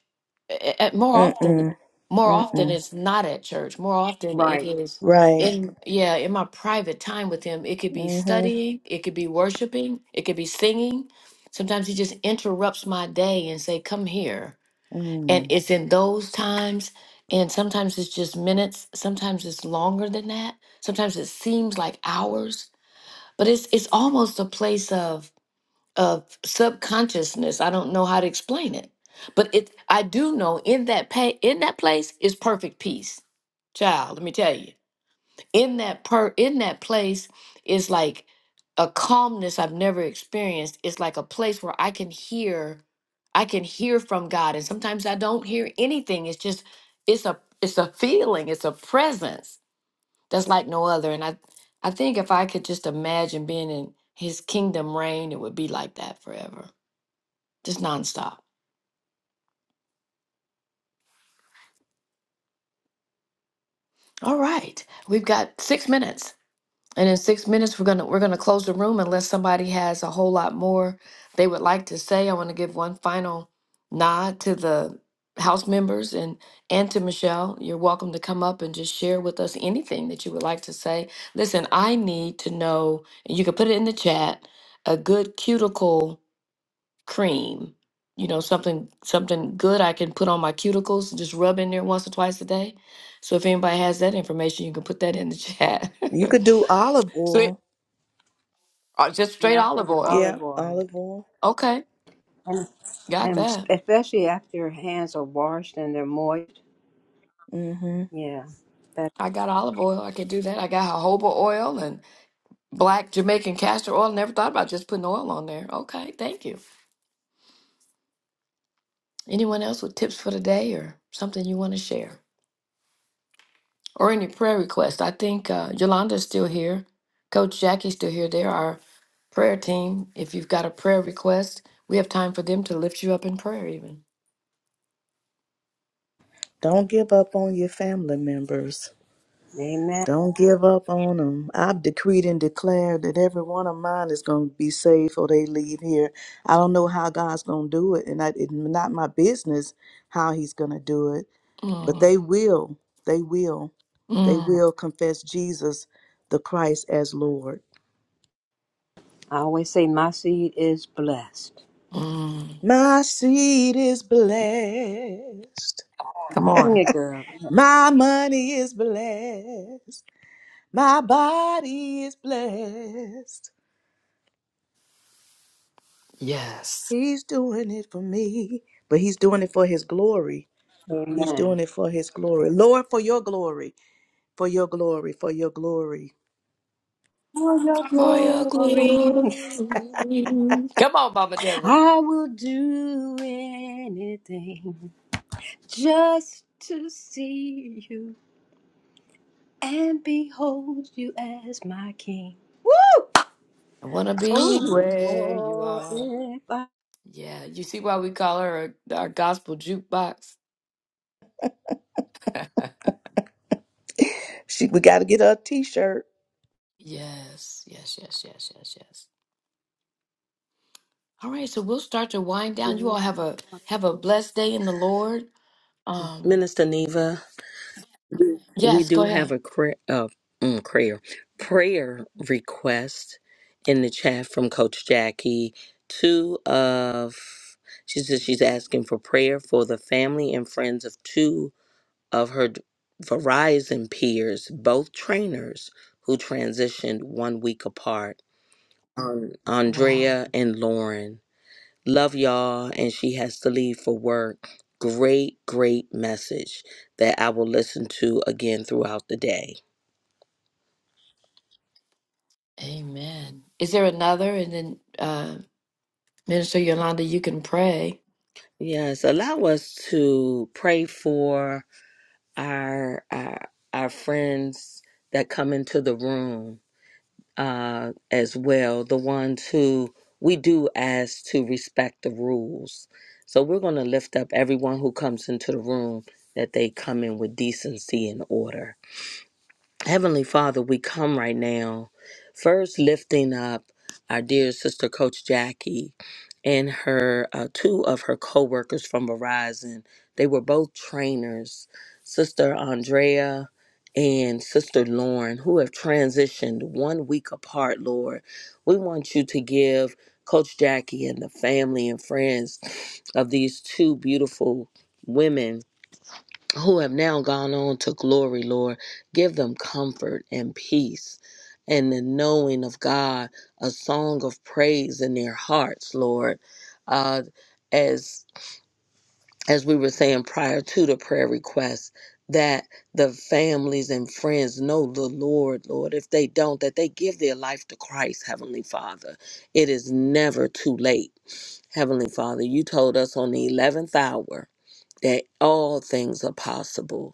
Speaker 4: A- a- more often,
Speaker 3: Mm-mm.
Speaker 4: more often
Speaker 3: Mm-mm.
Speaker 4: it's not at church. More often it
Speaker 6: Right.
Speaker 4: is
Speaker 3: Right.
Speaker 4: in yeah in my private time with him. It could be
Speaker 3: Mm-hmm.
Speaker 4: studying, it could be worshiping, it could be singing. Sometimes he just interrupts my day and say, "Come here." And
Speaker 3: Mm.
Speaker 4: it's in those times. And sometimes it's just minutes. Sometimes it's longer than that. Sometimes it seems like hours. But it's it's almost a place of of subconsciousness. I don't know how to explain it, but it. I do know in that pa- in that place is perfect peace, child. Let me tell you, in that per in that place is like a calmness I've never experienced. It's like a place where I can hear, I can hear from God, and sometimes I don't hear anything. It's just it's a it's a feeling. It's a presence that's like no other. And I I think if I could just imagine being in His kingdom reign, it would be like that forever just nonstop. All right, we've got six minutes, and in six minutes we're gonna we're gonna close the room unless somebody has a whole lot more they would like to say. I want to give one final nod to the house members and and to Michelle. You're welcome to come up and just share with us anything that you would like to say. Listen, I need to know, and you can put it in the chat. A good cuticle cream, you know, something something good I can put on my cuticles and just rub in there once or twice a day. So if anybody has that information, you can put that in the chat.
Speaker 3: You could do olive
Speaker 4: *laughs* so it,
Speaker 3: oil.
Speaker 4: uh, just straight
Speaker 6: Yeah, I'm
Speaker 4: olive
Speaker 6: thinking
Speaker 4: oil.
Speaker 3: Yeah,
Speaker 6: olive oil.
Speaker 3: olive oil.
Speaker 4: Okay,
Speaker 6: And,
Speaker 4: got
Speaker 6: and
Speaker 4: that.
Speaker 6: especially after your hands are washed and they're moist.
Speaker 3: Mm-hmm.
Speaker 6: Yeah. That,
Speaker 4: I got olive oil. I can do that. I got jojoba oil and black Jamaican castor oil. Never thought about just putting oil on there. Okay, thank you. Anyone else with tips for the day or something you want to share? or any prayer requests. I think uh, Yolanda's still here. Coach Jackie's still here. They're our prayer team. If you've got a prayer request, we have time for them to lift you up in prayer, even.
Speaker 3: Don't give up on your family members.
Speaker 6: amen.
Speaker 3: Don't give up on them. I've decreed and declared that every one of mine is going to be saved or they leave here. I don't know how God's going to do it, and I, it's not my business how He's going to do it But
Speaker 4: Mm,
Speaker 3: they will, they will, they
Speaker 4: mm,
Speaker 3: will confess Jesus the Christ as Lord.
Speaker 6: I always say my seed is blessed.
Speaker 4: mm.
Speaker 3: My seed is blessed.
Speaker 4: Come
Speaker 6: Sing
Speaker 4: on.
Speaker 6: it, girl.
Speaker 3: My money is blessed. My body is blessed.
Speaker 4: Yes.
Speaker 3: He's doing it for me, but he's doing it for his glory. He's
Speaker 6: Amen.
Speaker 3: doing it for his glory. Lord, for your glory, for your glory, for your glory.
Speaker 6: For your
Speaker 4: For your
Speaker 6: glory,
Speaker 4: glory. Come on, Mama Deborah.
Speaker 6: I will do anything just to see you and behold you as my king. Woo!
Speaker 4: I want to be
Speaker 6: Oh,
Speaker 4: where you
Speaker 6: Lord,
Speaker 4: are.
Speaker 6: if I...
Speaker 4: Yeah. You see why we call her our, our gospel jukebox? *laughs*
Speaker 3: She, we got to get her a t shirt.
Speaker 4: yes. Yes, yes, yes, yes, yes. All right, so we'll start to wind down. You all have a have a blessed day in the Lord. Um,
Speaker 9: Minister Neva, we
Speaker 4: yes, go
Speaker 9: do have
Speaker 4: ahead.
Speaker 9: a cra- uh, mm, prayer prayer request in the chat from Coach Jackie. Two of she says she's asking for prayer for the family and friends of two of her d- Verizon peers, both trainers who transitioned one week apart, um,
Speaker 4: Wow.
Speaker 9: Andrea and Lauren. Love y'all, and she has to leave for work. Great, great message that I will listen to again throughout the day.
Speaker 4: Amen. Is there another? And then uh Minister Yolanda, you can pray.
Speaker 9: Yes, allow us to pray for our our, our friends that come into the room uh, as well, the ones who we do ask to respect the rules. So we're going to lift up everyone who comes into the room that they come in with decency and order. Heavenly Father, we come right now, first lifting up our dear sister, Coach Jackie, and her uh, two of her co-workers from Verizon. They were both trainers, Sister Andrea and Sister Lauren, who have transitioned one week apart. Lord, we want you to give Coach Jackie and the family and friends of these two beautiful women who have now gone on to glory, Lord. Give them comfort and peace and the knowing of God, a song of praise in their hearts, Lord. Uh, as as we were saying prior to the prayer request, that the families and friends know the Lord, Lord. If they don't, that they give their life to Christ, Heavenly Father. It is never too late, Heavenly Father. You told us on the 11th hour that all things are possible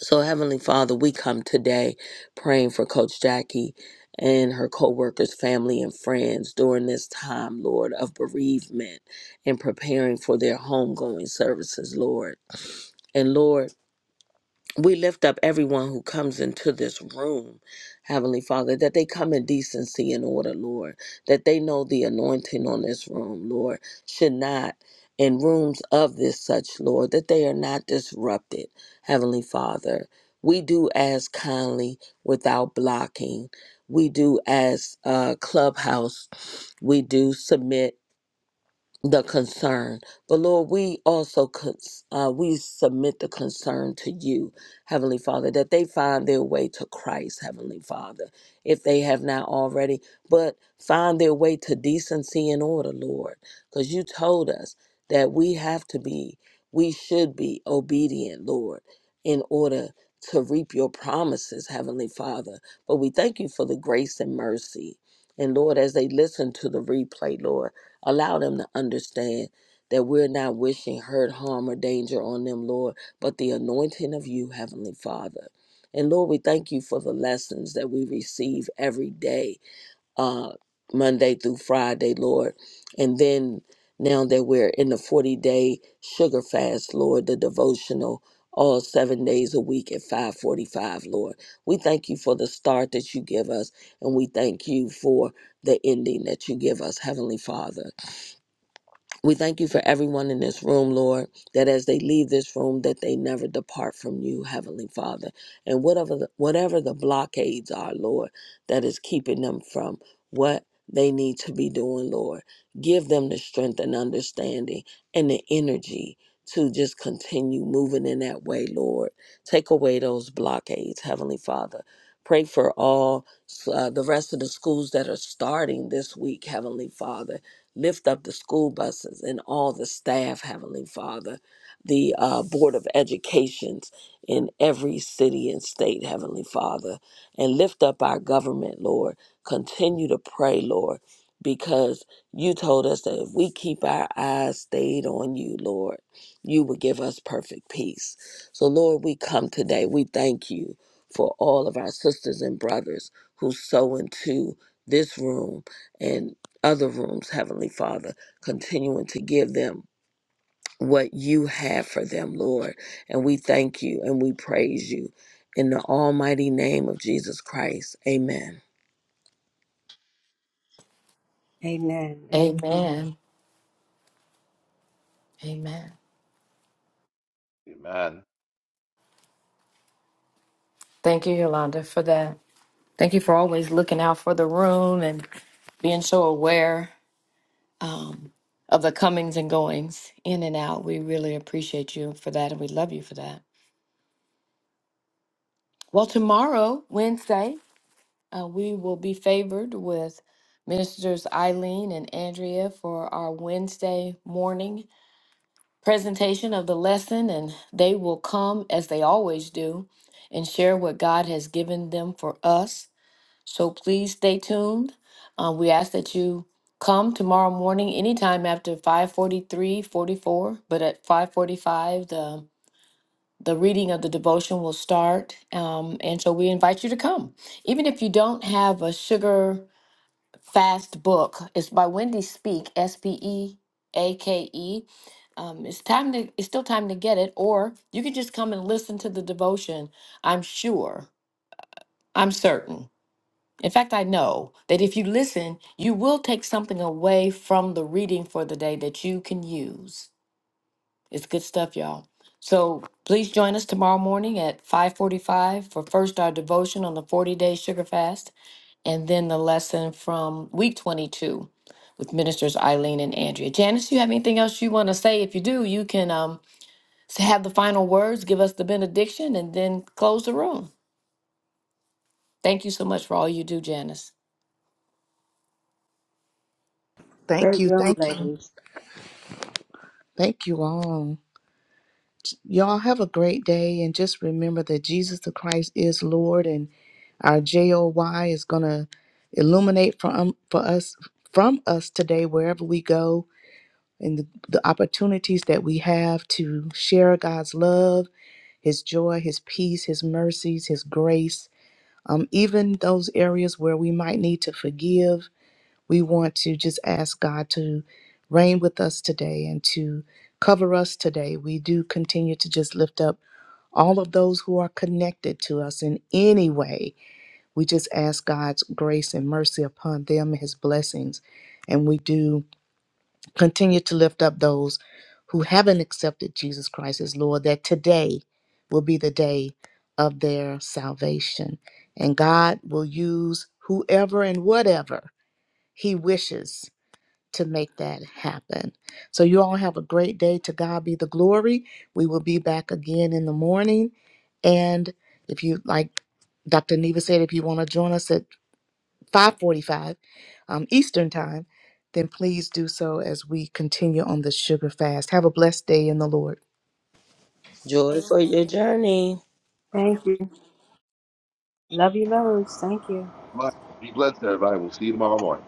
Speaker 9: so, Heavenly Father, we come today praying for Coach Jackie and her co workers, family, and friends during this time, Lord, of bereavement and preparing for their homegoing services, Lord. And Lord, we lift up everyone who comes into this room, Heavenly Father, that they come in decency and order, Lord, that they know the anointing on this room, Lord, should not, in rooms of this such, Lord, that they are not disrupted, Heavenly Father. We do as kindly without blocking. We do as uh, clubhouse. We do submit the concern. But Lord, we also cons- uh, we submit the concern to you, Heavenly Father, that they find their way to Christ, Heavenly Father, if they have not already. But find their way to decency and order, Lord, because you told us that we have to be, we should be obedient, Lord, in order to reap your promises, Heavenly Father. But we thank you for the grace and mercy. And Lord, as they listen to the replay, Lord. Allow them to understand that we're not wishing hurt, harm, or danger on them, Lord, but the anointing of you, Heavenly Father. And Lord, we thank you for the lessons that we receive every day, uh, Monday through Friday, Lord. And then now that we're in the 40 day sugar fast, Lord, the devotional all seven days a week at 545, Lord. We thank you for the start that you give us, and we thank you for the ending that you give us, Heavenly Father. We thank you for everyone in this room, Lord, that as they leave this room, that they never depart from you, Heavenly Father. And whatever the, whatever the blockades are, Lord, that is keeping them from what they need to be doing, Lord, give them the strength and understanding and the energy to just continue moving in that way, Lord. Take away those blockades, Heavenly Father. Pray for all uh, the rest of the schools that are starting this week, Heavenly Father Lift up the school buses and all the staff, Heavenly Father, the uh, Board of Educations in every city and state, Heavenly Father, and lift up our government, Lord. Continue to pray, Lord, because you told us that if we keep our eyes stayed on you, Lord, you will give us perfect peace. So, Lord, we come today. We thank you for all of our sisters and brothers who sow into this room and other rooms, Heavenly Father, continuing to give them what you have for them, Lord. And we thank you and we praise you in the almighty name of Jesus Christ. Amen.
Speaker 6: Amen. Amen.
Speaker 4: Amen. Amen.
Speaker 7: Amen.
Speaker 4: Thank you, Yolanda, for that. Thank you for always looking out for the room and being so aware um, of the comings and goings in and out. We really appreciate you for that and we love you for that. Well, tomorrow, Wednesday. Uh, we will be favored with Ministers Eileen and Andrea for our Wednesday morning presentation of the lesson, and they will come as they always do and share what God has given them for us. So please stay tuned. Uh, we ask that you come tomorrow morning anytime after five forty-three, forty-four, but at 545 the the reading of the devotion will start um, and so we invite you to come even if you don't have a sugar Fast Book. It's by Wendy Speak, S P E A K E. Um, it's time to. It's still time to get it, or you could just come and listen to the devotion. I'm sure. I'm certain. In fact, I know that if you listen, you will take something away from the reading for the day that you can use. It's good stuff, y'all. So please join us tomorrow morning at 5:45 for first our devotion on the 40-day sugar fast and then the lesson from week 22 with ministers Eileen and Andrea. Janice, you have anything else you want to say? If you do, you can um, s- have the final words, give us the benediction, and then close the room. Thank you so much for all you do, Janice.
Speaker 3: Thank
Speaker 6: Great
Speaker 3: you,
Speaker 6: room,
Speaker 3: thank you,
Speaker 6: ladies.
Speaker 3: thank you all. Y'all have a great day and just remember that Jesus the Christ is Lord and our JOY is going to illuminate for um for us from us today wherever we go and the, the opportunities that we have to share God's love, his joy, his peace, his mercies, his grace. Um, even those areas where we might need to forgive, we want to just ask God to reign with us today and to cover us today. We do continue to just lift up all of those who are connected to us in any way. We just ask God's grace and mercy upon them, His blessings. And we do continue to lift up those who haven't accepted Jesus Christ as Lord, that today will be the day of their salvation. And God will use whoever and whatever He wishes to make that happen. So, you all have a great day. To God be the glory. We will be back again in the morning. And if you like, Dr. Neva said, if you want to join us at 5:45 um, Eastern time, then please do so as we continue on the sugar fast. Have a blessed day in the Lord.
Speaker 9: Joy for your journey.
Speaker 6: Thank you. Love you, loads. Thank you.
Speaker 7: All right. Be blessed, everybody. We'll see you tomorrow morning.